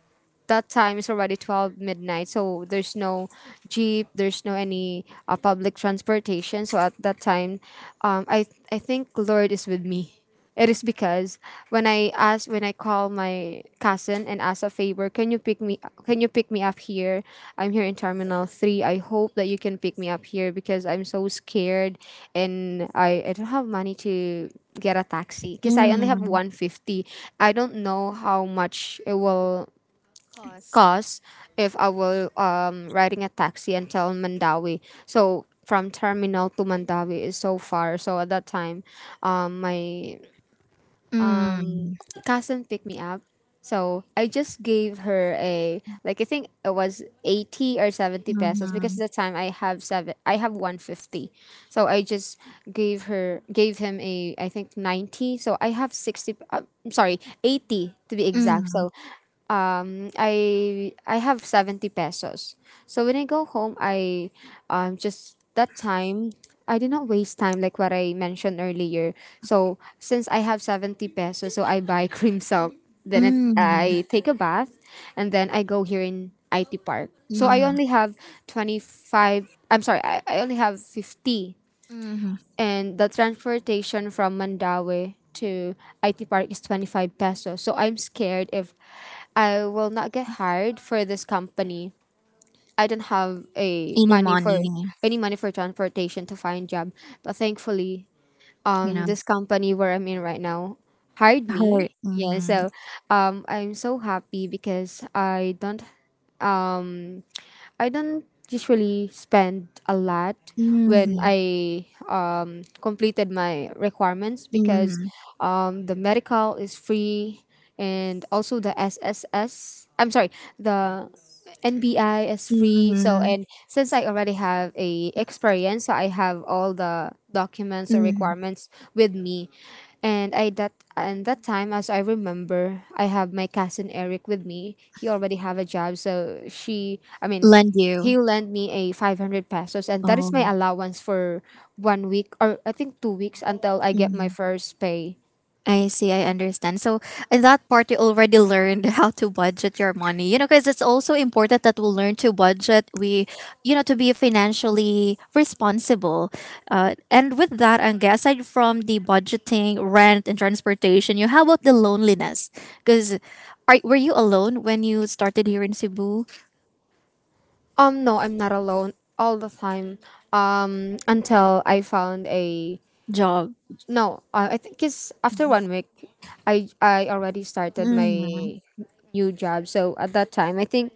that time is already twelve midnight, so there's no jeep, there's no any uh, public transportation. So at that time, um, I, I think lord is with me. It is because when i ask when I call my cousin and ask a favor, can you pick me, can you pick me up here, I'm here in Terminal three, I hope that you can pick me up here because I'm so scared, and i, I don't have money to get a taxi because I only have
mm.
one hundred fifty. I don't know how much it will
Cost.
cause if I will um riding a taxi until Mandawi, so from terminal to Mandawi is so far. So at that time, um my
Mm,
cousin picked me up. So I just gave her a, like, I think it was eighty or seventy pesos, because
mm,
at the time I have seven I have one fifty. So I just gave her gave him a, I think, ninety. So I have sixty, uh, I'm sorry, eighty, to be exact.
mm,
So um I I have seventy pesos. So when I go home, I um just that time, I did not waste time, like what I mentioned earlier. So since I have seventy pesos, so I buy cream silk. Then it,
mm,
I take a bath and then I go here in I T Park. So I
mm,
only have 25 I'm sorry, I, I only have fifty,
mm.
and the transportation from Mandawi to I T Park is twenty-five pesos. So I'm scared if I will not get hired for this company. I don't have a
Any
money for
money,
any money for transportation to find job. But thankfully,
you
um
know,
this company where I'm in right now hired
hurt.
me. Yeah,
Mm,
so um I'm so happy because I don't um, I don't usually spend a lot when
mm,
I um, completed my requirements because,
mm,
um, the medical is free, and also the S S S. I'm sorry, the N B I is free. So
mm,
and since I already have a experience, so I have all the documents or
mm.
requirements with me. And I that and that time, as I remember, I have my cousin Eric with me. He already have a job, so she, I mean,
Lend you.
he lent me a five hundred pesos, and that is my
Oh.
allowance for one week or I think two weeks until I get my first pay.
I see, I understand. So, in that part, you already learned how to budget your money, you know, because it's also important that we learn to budget. We, you know, to be financially responsible. Uh, and with that, Ange, aside from the budgeting, rent, and transportation, you how about the loneliness? Because are, were you alone when you started here in Cebu
Um, no, I'm not alone all the time. Um, until I found a,
job?
no, uh, I think it's after one week, I I already started
Mm,
my new job. So at that time, I think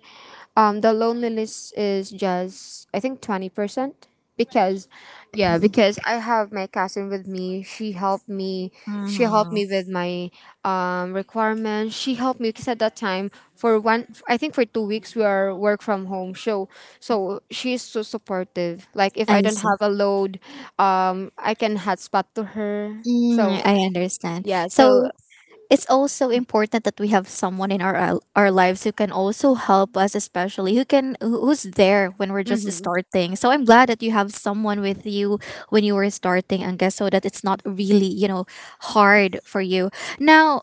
um the loneliness is just, I think, twenty percent, because yeah,
mm,
because I have my cousin with me. She helped me. She helped
mm.
me with my um requirements. She helped me because at that time for one I think for two weeks we are work from home. So so she's so supportive. Like, if
I
I don't
see.
have a load, um I can hotspot to her.
Mm,
So
I understand.
yeah,
So,
so
it's also important that we have someone in our al- our lives who can also help us, especially who can who- who's there when we're just
mhm.
starting, so I'm glad that you have someone with you when you were starting, and guess so that it's not really you know hard for you now.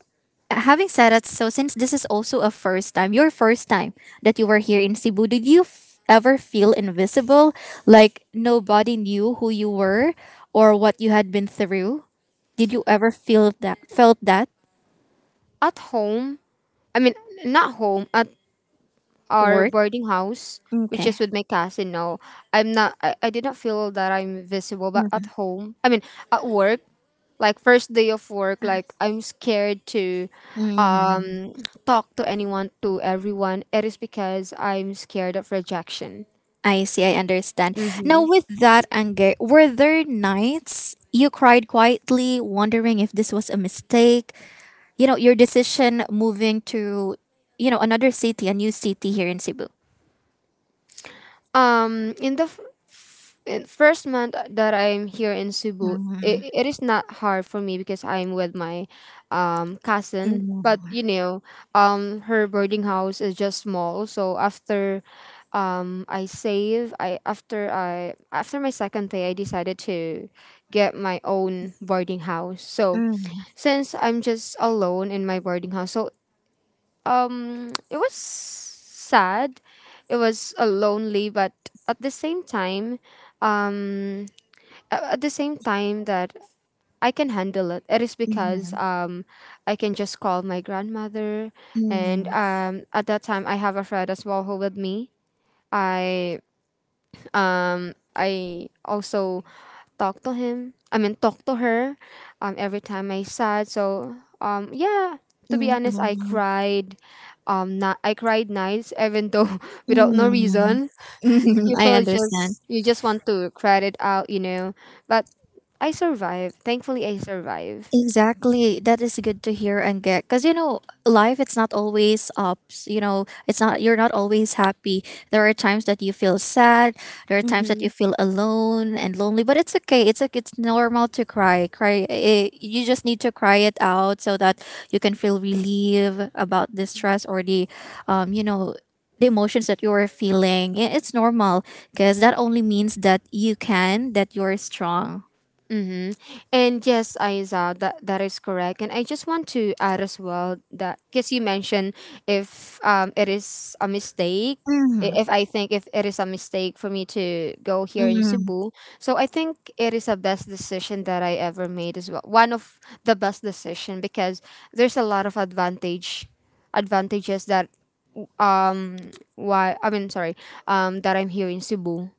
Having said that, so since this is also a first time, your first time that you were here in Cebu, did you f- ever feel invisible, like nobody knew who you were or what you had been through? Did you ever feel that, felt that
At home, I mean, not home, at our
work?
boarding house, which
Okay.
is with my cousin. No, I'm not. I, I did not feel that I'm visible, but at
Mhm.
home, I mean at work, like first day of work, like I'm scared to
Mm.
um talk to anyone to everyone. It is because I'm scared of rejection.
I see, I understand. Now,
Mm-hmm.
with that anger, were there nights you cried quietly, wondering if this was a mistake? You know, your decision moving to, you know, another city, a new city here in Cebu.
Um, in the f- f- in first month that I'm here in Cebu,
Mhm.
it, it is not hard for me because I'm with my um cousin. But
Mhm.
you know, um, her boarding house is just small. So after, um, I save. I after I after my second pay, I decided to get my own boarding house. So
Mhm.
since I'm just alone in my boarding house, so um it was sad, it was uh, lonely, but at the same time um a- at the same time that I can handle it. It is because um I can just call my grandmother, and
Mhm.
um at that time I have a friend as well who with me. i um, I also talk to him. I mean, talk to her. Um, every time I sad. So um, yeah. To be
Mhm.
honest, I
Mhm.
cried. Um, not I cried nights, even though without no
Mhm.
reason. You
I
feel,
understand.
just, you just want to cry it out, you know. But I survived. Thankfully, I survived.
Exactly. That is good to hear and get. Because, you know, life, it's not always ups. You know, it's not, you're not always happy. There are times that you feel sad. There are times that you feel alone and lonely, but it's okay. It's like, it's normal to cry. Cry. It, you just need to cry it out so that you can feel relief about the stress or the, um, you know, the emotions that you are feeling. I- It's normal because that only means that you can, that you're strong.
Mm-hmm. And yes, Aiza, that, that is correct. And I just want to add as well that because you mentioned if um, it is a mistake, i-
Hmm.
if I think if it is a mistake for me to go here in
Hmm.
Cebu, so I think it is a best decision that I ever made as well. One of the best decision because there's a lot of advantage advantages that um why I mean sorry um that I'm here in Cebu.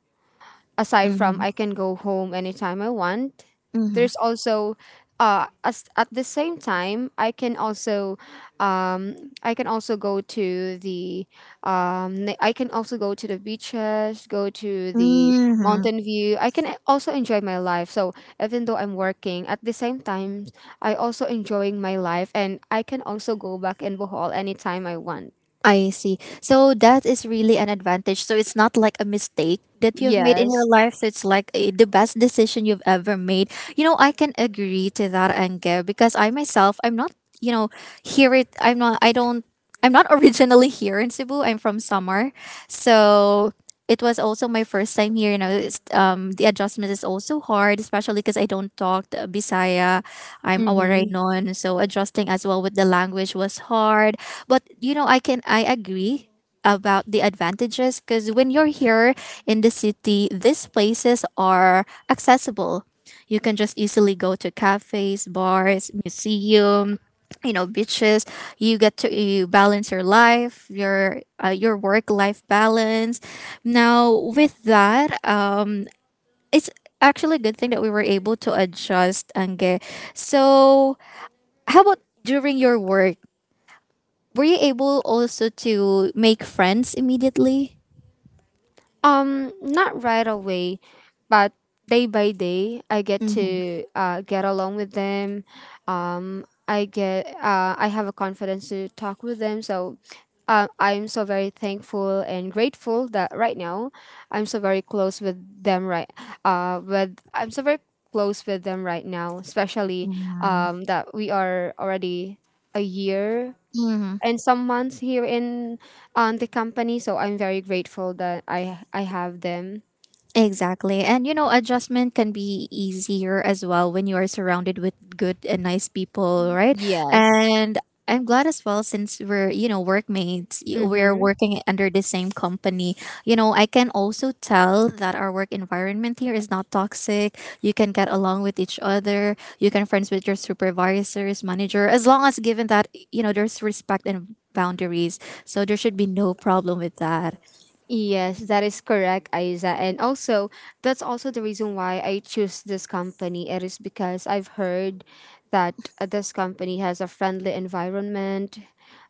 Aside from
Hmm.
I can go home anytime I want,
Hmm.
there's also uh as, at the same time I can also um I can also go to the um na- I can also go to the beaches, go to the
Hmm.
mountain view. I can also enjoy my life. So even though I'm working, at the same time I also enjoying my life and I can also go back in Bohol anytime I want.
I see. So that is really an advantage. So it's not like a mistake that you've made in your
Yes.
life. So it's like eh, the best decision you've ever made. You know, I can agree to that, Ange, because I myself, I'm not, you know, here it, I'm not, I don't, I'm not originally here in Cebu. I'm from Samar. So it was also my first time here. You know, it's, um, the adjustment is also hard, especially because I don't talk the Bisaya. I'm a
Mhm.
Waraynon, so adjusting as well with the language was hard. But you know, I can I agree about the advantages because when you're here in the city, these places are accessible. You can just easily go to cafes, bars, museum, you know beaches. You get to, you balance your life, your uh, your work life balance. Now with that, um it's actually a good thing that we were able to adjust, Ange. So how about during your work, were you able also to make friends immediately?
Um, not right away, but day by day, I get to uh, get along with them. Um, I get uh, I have a confidence to talk with them. So, uh, I'm so very thankful and grateful that right now, I'm so very close with them. Right, uh, with I'm so very close with them right now, especially
Mm-hmm.
um that we are already a year and some months here in um, the company. So I'm very grateful that I I have them.
Exactly. And you know, adjustment can be easier as well when you are surrounded with good and nice people, right?
Yes.
And I'm glad as well since we're, you know, workmates, y- we're
Mm-hmm.
working under the same company. You know, I can also tell that our work environment here is not toxic. You can get along with each other. You can friends with your supervisors, manager, as long as given that, you know, there's respect and boundaries. So there should be no problem with that.
Yes, that is correct, Aiza. And also, that's also the reason why I choose this company. It is because I've heard that uh, this company has a friendly environment,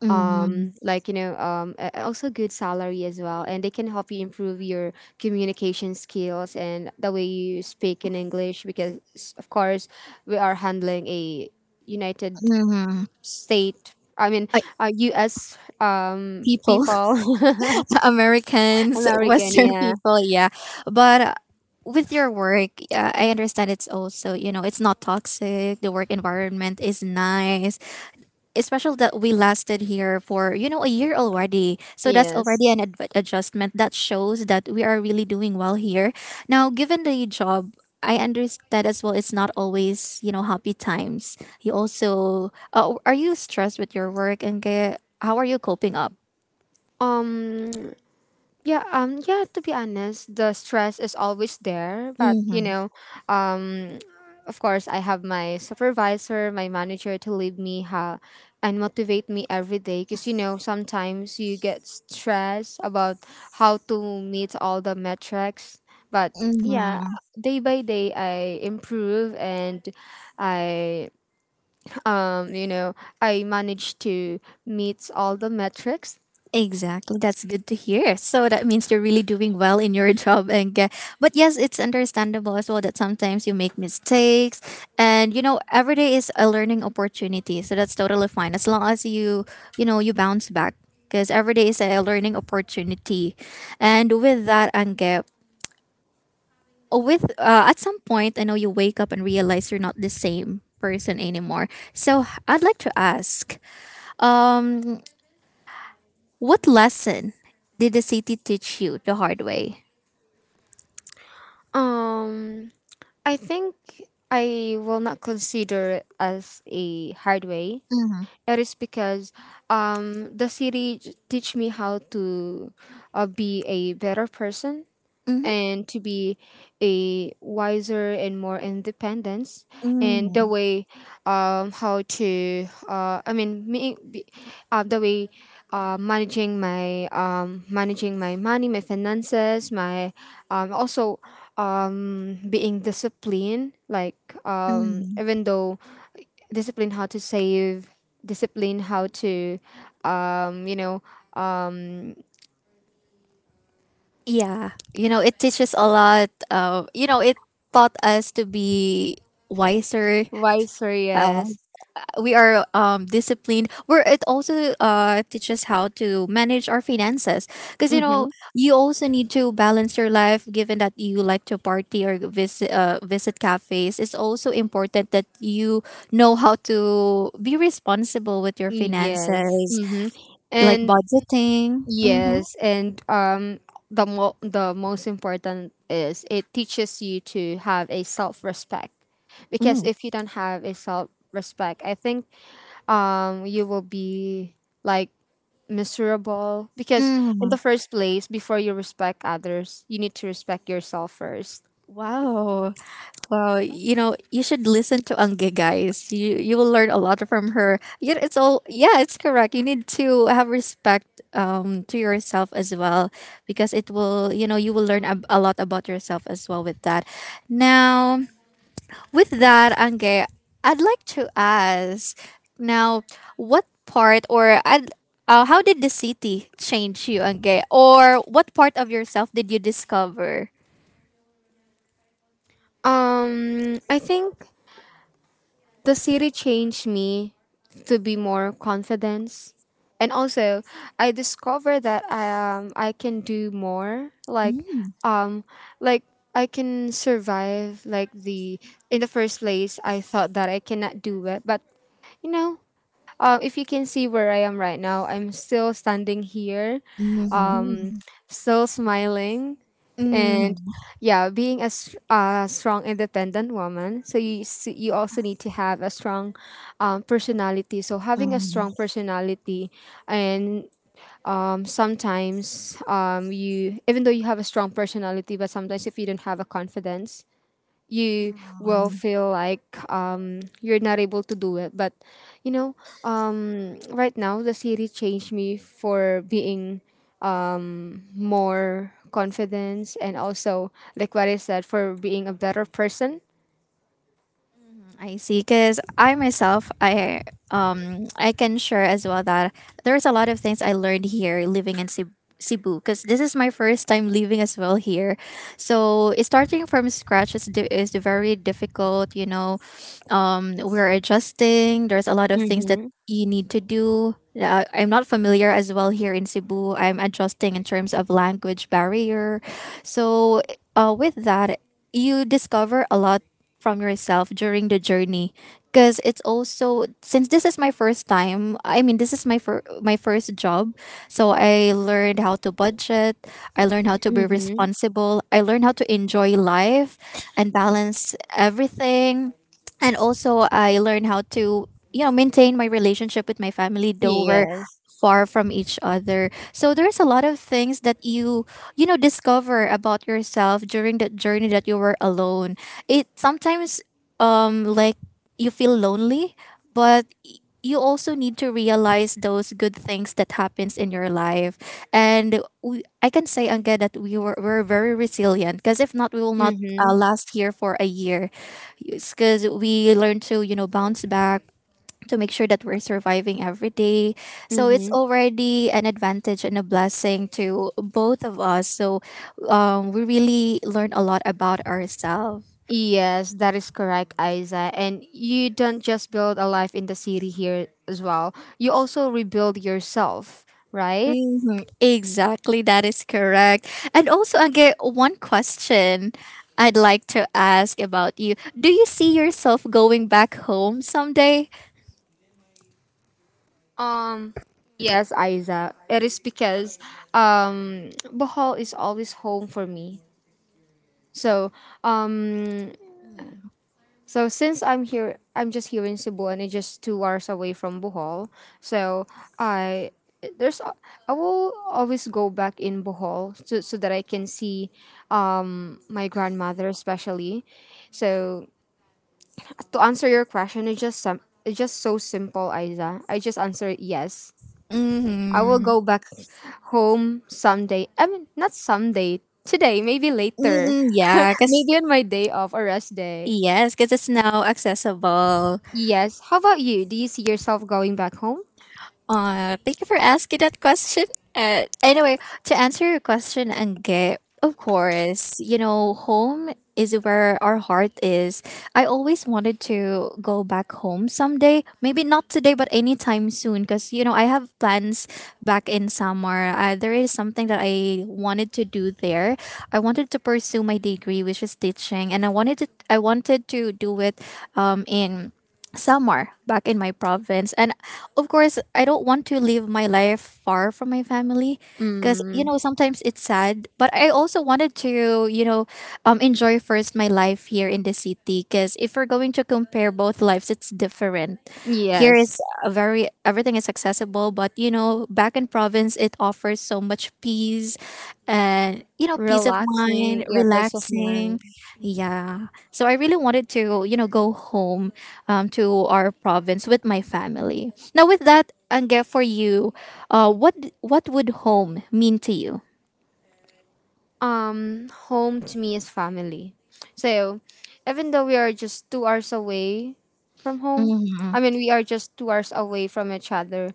Mm-hmm.
um like you know um a- also good salary as well, and they can help you improve your communication skills and the way you speak in English because, s- of course, we are handling a united
Mm-hmm.
state I mean uh, US um
People.
people
Americans,
American,
Western
yeah.
people, yeah. But uh, with your work, yeah, I understand it's also, you know, it's not toxic. The work environment is nice, especially that we lasted here for, you know, a year already. So that's
Yes.
already an adv- adjustment that shows that we are really doing well here. Now, given the job, I understand as well, it's not always, you know, happy times. You also, uh, are you stressed with your work and how are you coping up?
um Yeah, um, yeah, to be honest, the stress is always there, but you
Mm-hmm.
know, um, of course, I have my supervisor, my manager to lead me how and motivate me every day because, you know, sometimes you get stressed about how to meet all the metrics, but yeah, day by day, I improve, and I, um, you know, I manage to meet all the metrics.
Exactly. That's good to hear. So that means you're really doing well in your job and get, but yes, it's understandable as well that sometimes you make mistakes, and you know every day is a learning opportunity. So that's totally fine as long as you you know you bounce back, because every day is a learning opportunity. And with that, Angge, with uh, at some point I know you wake up and realize you're not the same person anymore. So I'd like to ask, what lesson did the city teach you the hard way?
Um, I think I will not consider it as a hard way. It is because um, the city j- teach me how to uh, be a better person,
Mm-hmm.
and to be a wiser and more independence, and the way um how to uh I mean me be- uh, the way, uh, managing my um managing my money, my finances, my um also, um being disciplined, like, um
Mm-hmm.
even though, discipline how to save, discipline how to, um you know um
Yeah, you know, it teaches a lot. Uh, you know, it taught us to be wiser.
wiser,
Uh,
yes.
we are um, disciplined. Where it also uh, teaches how to manage our finances, because you know, you also need to balance your life. Given that you like to party or visit uh, visit cafes, it's also important that you know how to be responsible with your
Yes.
finances,
Mm-hmm.
like
And
budgeting. Mm-hmm.
yes, and um the mo- the most important is it teaches you to have a self-respect. Because if you don't have a self-respect, I think um you will be like miserable, because in
Mm.
the first place, before you respect others, you need to respect yourself first.
Wow. Wow. You know, you should listen to Angge, guys. You you will learn a lot from her. Yeah, it's all yeah, it's correct. You need to have respect um to yourself as well, because it will, you know, you will learn a, a lot about yourself as well with that. Now, with that, Angge, I'd like to ask now what part or I'd uh, how did the city change you, Angge? Or what part of yourself did you discover?
Um I think the city changed me to be more confident, and also I discovered that I, um, I can do more, like, um like I can survive, like the in the first place I thought that I cannot do it, but you know uh, if you can see where I am right now, I'm still standing here, um
Mhm.
still smiling, and
Mhm.
yeah, being a, s- a strong independent woman. So you s- you also need to have a strong um, personality, so having a
Um,
strong personality, and um, sometimes, um, you even though you have a strong personality, but sometimes if you don't have a confidence, you will
um,
feel like, um, you're not able to do it. But you know, um, right now the city changed me for being um, more confidence, and also like what I said, for being a better person.
Mhm, I see. Because I myself, I um, I can share as well that there's a lot of things I learned here living in Cebu. Cebu, because this is my first time living as well here, so starting from scratch is di- is very difficult. You know, um, we're adjusting. There's a lot of things that
Mm-hmm.
you need to do. Uh, I'm not familiar as well here in Cebu. I'm adjusting in terms of language barrier. So, uh, with that, you discover a lot from yourself during the journey, because it's also, since this is my first time, I mean, this is my fir- my first job, so I learned how to budget, I learned how to be
Mm-hmm.
responsible, I learned how to enjoy life and balance everything. And also I learned how to, you know maintain my relationship with my family though we're
Yes.
far from each other. So there's a lot of things that you you know discover about yourself during the journey that you were alone. It sometimes, um like, you feel lonely, but you also need to realize those good things that happens in your life. And we, I can say again that we were, were very resilient, because if not we will not uh,
Mm-hmm.
last here for a year, because we learn to, you know bounce back to make sure that we're surviving every day. So it's
Mm-hmm.
already an advantage and a blessing to both of us. So um, we really learn a lot about ourselves.
Yes, that is correct, Isa. And you don't just build a life in the city here as well. You also rebuild yourself, right?
Hmm. Exactly, that is correct. And also, again, one question I'd like to ask about you. Do you see yourself going back home someday?
Um, yes, Isa. It is because um, Bohol is always home for me. So, um, so since I'm here, I'm just here in Cebu, and it's just two hours away from Bohol. So I there's a- I will always go back in Bohol, so, so that I can see um my grandmother especially. So, to answer your question, it's just some it's just so simple, Isa. I just answer yes. I will
Mm-hmm.
go back home someday. I mean, not someday. Today, maybe later.
Mm-hmm. Yeah, because
Maybe on my day off or rest day.
yes, because it's now accessible.
Yes. How about you? Do you see yourself going back home?
Uh, thank you for asking that question. Uh, anyway, to answer your question, Angge, of course, you know, home is where our heart is. I always wanted to go back home someday. Maybe not today, but anytime soon. Because, you know, I have plans back in summer. Uh, there is something that I wanted to do there. I wanted to pursue my degree, which is teaching. And I wanted to, I wanted to do it um, in Samar back in my province. And of course, I don't want to live my life far from my family, because, you
Mm,
know, sometimes it's sad. But I also wanted to, you know, um, enjoy first my life here in the city, because if we're going to compare both lives, it's different. Here is
yes.
a very, everything is accessible. But, you know, back in province, it offers so much peace and, you know, peace of mind,
Relaxing. Yeah, peace of
relaxing.
mind.
Yeah. So I really wanted to, you know, go home um, to our province with my family. Now, with that, Ange, for you, uh, what what would home mean to you?
Um home to me is family. So even though we are just two hours away from home,
Mm-hmm.
I mean, we are just two hours away from each other,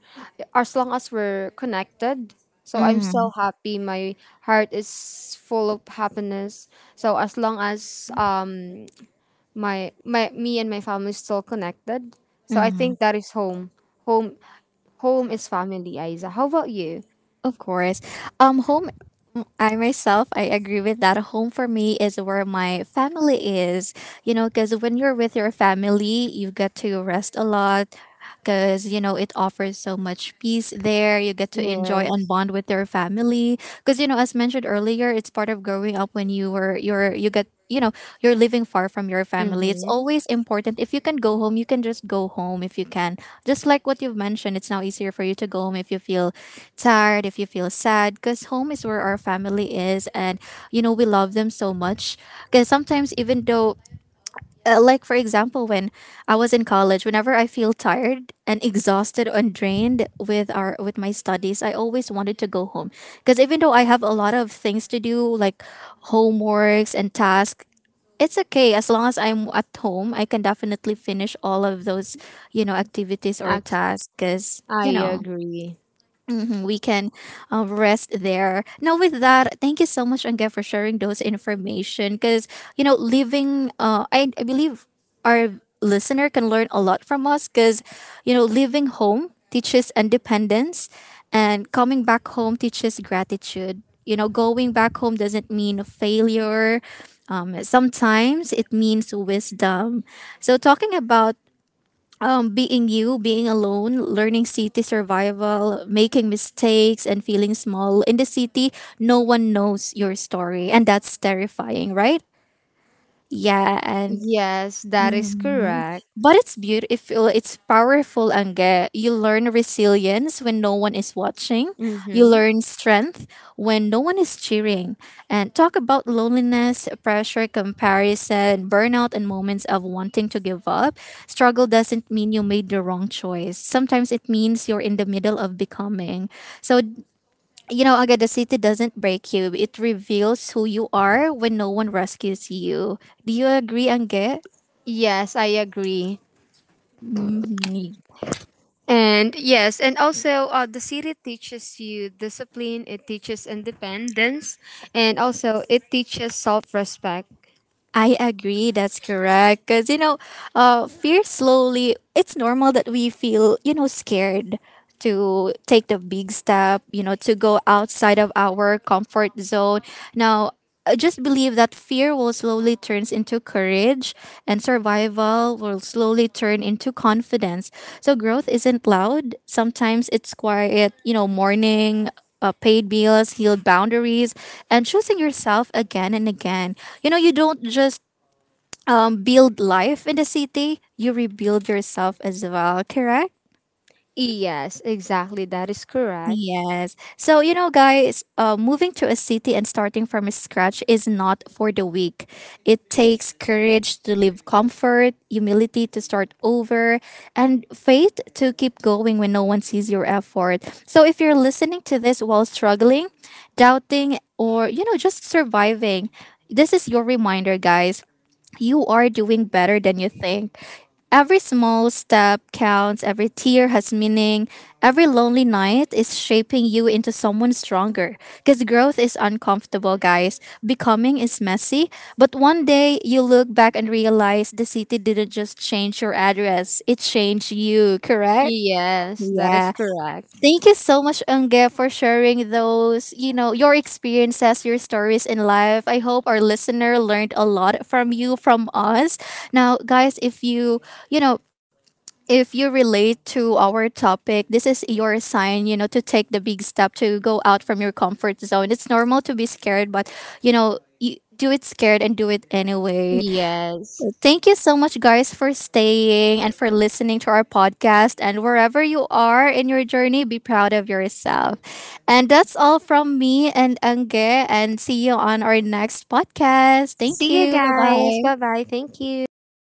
as long as we're connected, so I'm so happy. My heart is full of happiness. So as long as um my my me and my family is still connected, so I
Mm-hmm.
think that is home. Home home is family, Isa. How about you?
Of course. Um, home. I myself, I agree with that. Home for me is where my family is. You know, because when you're with your family, you get to rest a lot. Because you know it offers so much peace there. You get to enjoy and
Yes.
bond with your family because you know as mentioned earlier, it's part of growing up. When you were you're you get you know you're living far from your family, it's
Mm-hmm.
always important if you can go home, you can just go home. If you can just like what you've mentioned, it's now easier for you to go home if you feel tired, if you feel sad, because home is where our family is and you know we love them so much. Because sometimes, even though uh, like for example, when I was in college, whenever I feel tired and exhausted and drained with our with my studies, I always wanted to go home. Because even though I have a lot of things to do, like homeworks and tasks, it's okay. As long as I'm at home, I can definitely finish all of those, you know, activities or
i,
tasks. Because
I
you know
agree.
mhm, we can uh, rest there. Now, with that, thank you so much, Angga, for sharing those information. Because you know, living, uh, I, I believe our listener can learn a lot from us. Because you know, living home teaches independence, and coming back home teaches gratitude. You know, going back home doesn't mean a failure. Um, sometimes it means wisdom. So, talking about um, being you, being alone, learning city survival, making mistakes, and feeling small in the city, no one knows your story. And that's terrifying, right? Yeah. And
Yes, that is
mhm.
correct.
But it's beautiful, it's powerful, Angge. You learn resilience when no one is watching, you
Mm-hmm.
learn strength when no one is cheering. And talk about loneliness, pressure, comparison, burnout, and moments of wanting to give up. Struggle doesn't mean you made the wrong choice. Sometimes it means you're in the middle of becoming. So, you know, Angge, the city doesn't break you, it reveals who you are when no one rescues you. Do you agree, Angge?
Yes, I agree.
Mhm.
And yes, and also uh, the city teaches you discipline, it teaches independence, and also it teaches self respect.
I agree. That's correct. Because, you know, uh, fear slowly, it's normal that we feel, you know, scared to take the big step, you know, to go outside of our comfort zone. Now, I just believe that fear will slowly turns into courage and survival will slowly turn into confidence. So growth isn't loud. Sometimes it's quiet, you know, mourning, uh, paid bills, healed boundaries, and choosing yourself again and again. You know, you don't just um, build life in the city, you rebuild yourself as well, correct?
Yes, exactly. That is correct.
Yes. So, you know, guys, uh, moving to a city and starting from scratch is not for the weak. It takes courage to leave comfort, humility to start over, and faith to keep going when no one sees your effort. So, if you're listening to this while struggling, doubting, or, you know, just surviving, this is your reminder, guys, you are doing better than you think. Every small step counts, every tear has meaning, every lonely night is shaping you into someone stronger. Because growth is uncomfortable, guys. Becoming is messy, but one day you look back and realize the city didn't just change your address, it changed you, correct?
Yes, that is
Yeah.
correct.
Thank you so much, Unge, for sharing those, you know, your experiences, your stories in life. I hope our listener learned a lot from you, from us. Now, guys, if you, you know, if you relate to our topic, this is your sign, you know, to take the big step to go out from your comfort zone. It's normal to be scared, but, you know, you do it scared and do it anyway.
Yes.
Thank you so much, guys, for staying and for listening to our podcast. And wherever you are in your journey, be proud of yourself. And that's all from me and Ange. And see you on our next podcast. Thank
See you
you. Bye
guys. Bye
bye.
bye. Thank you.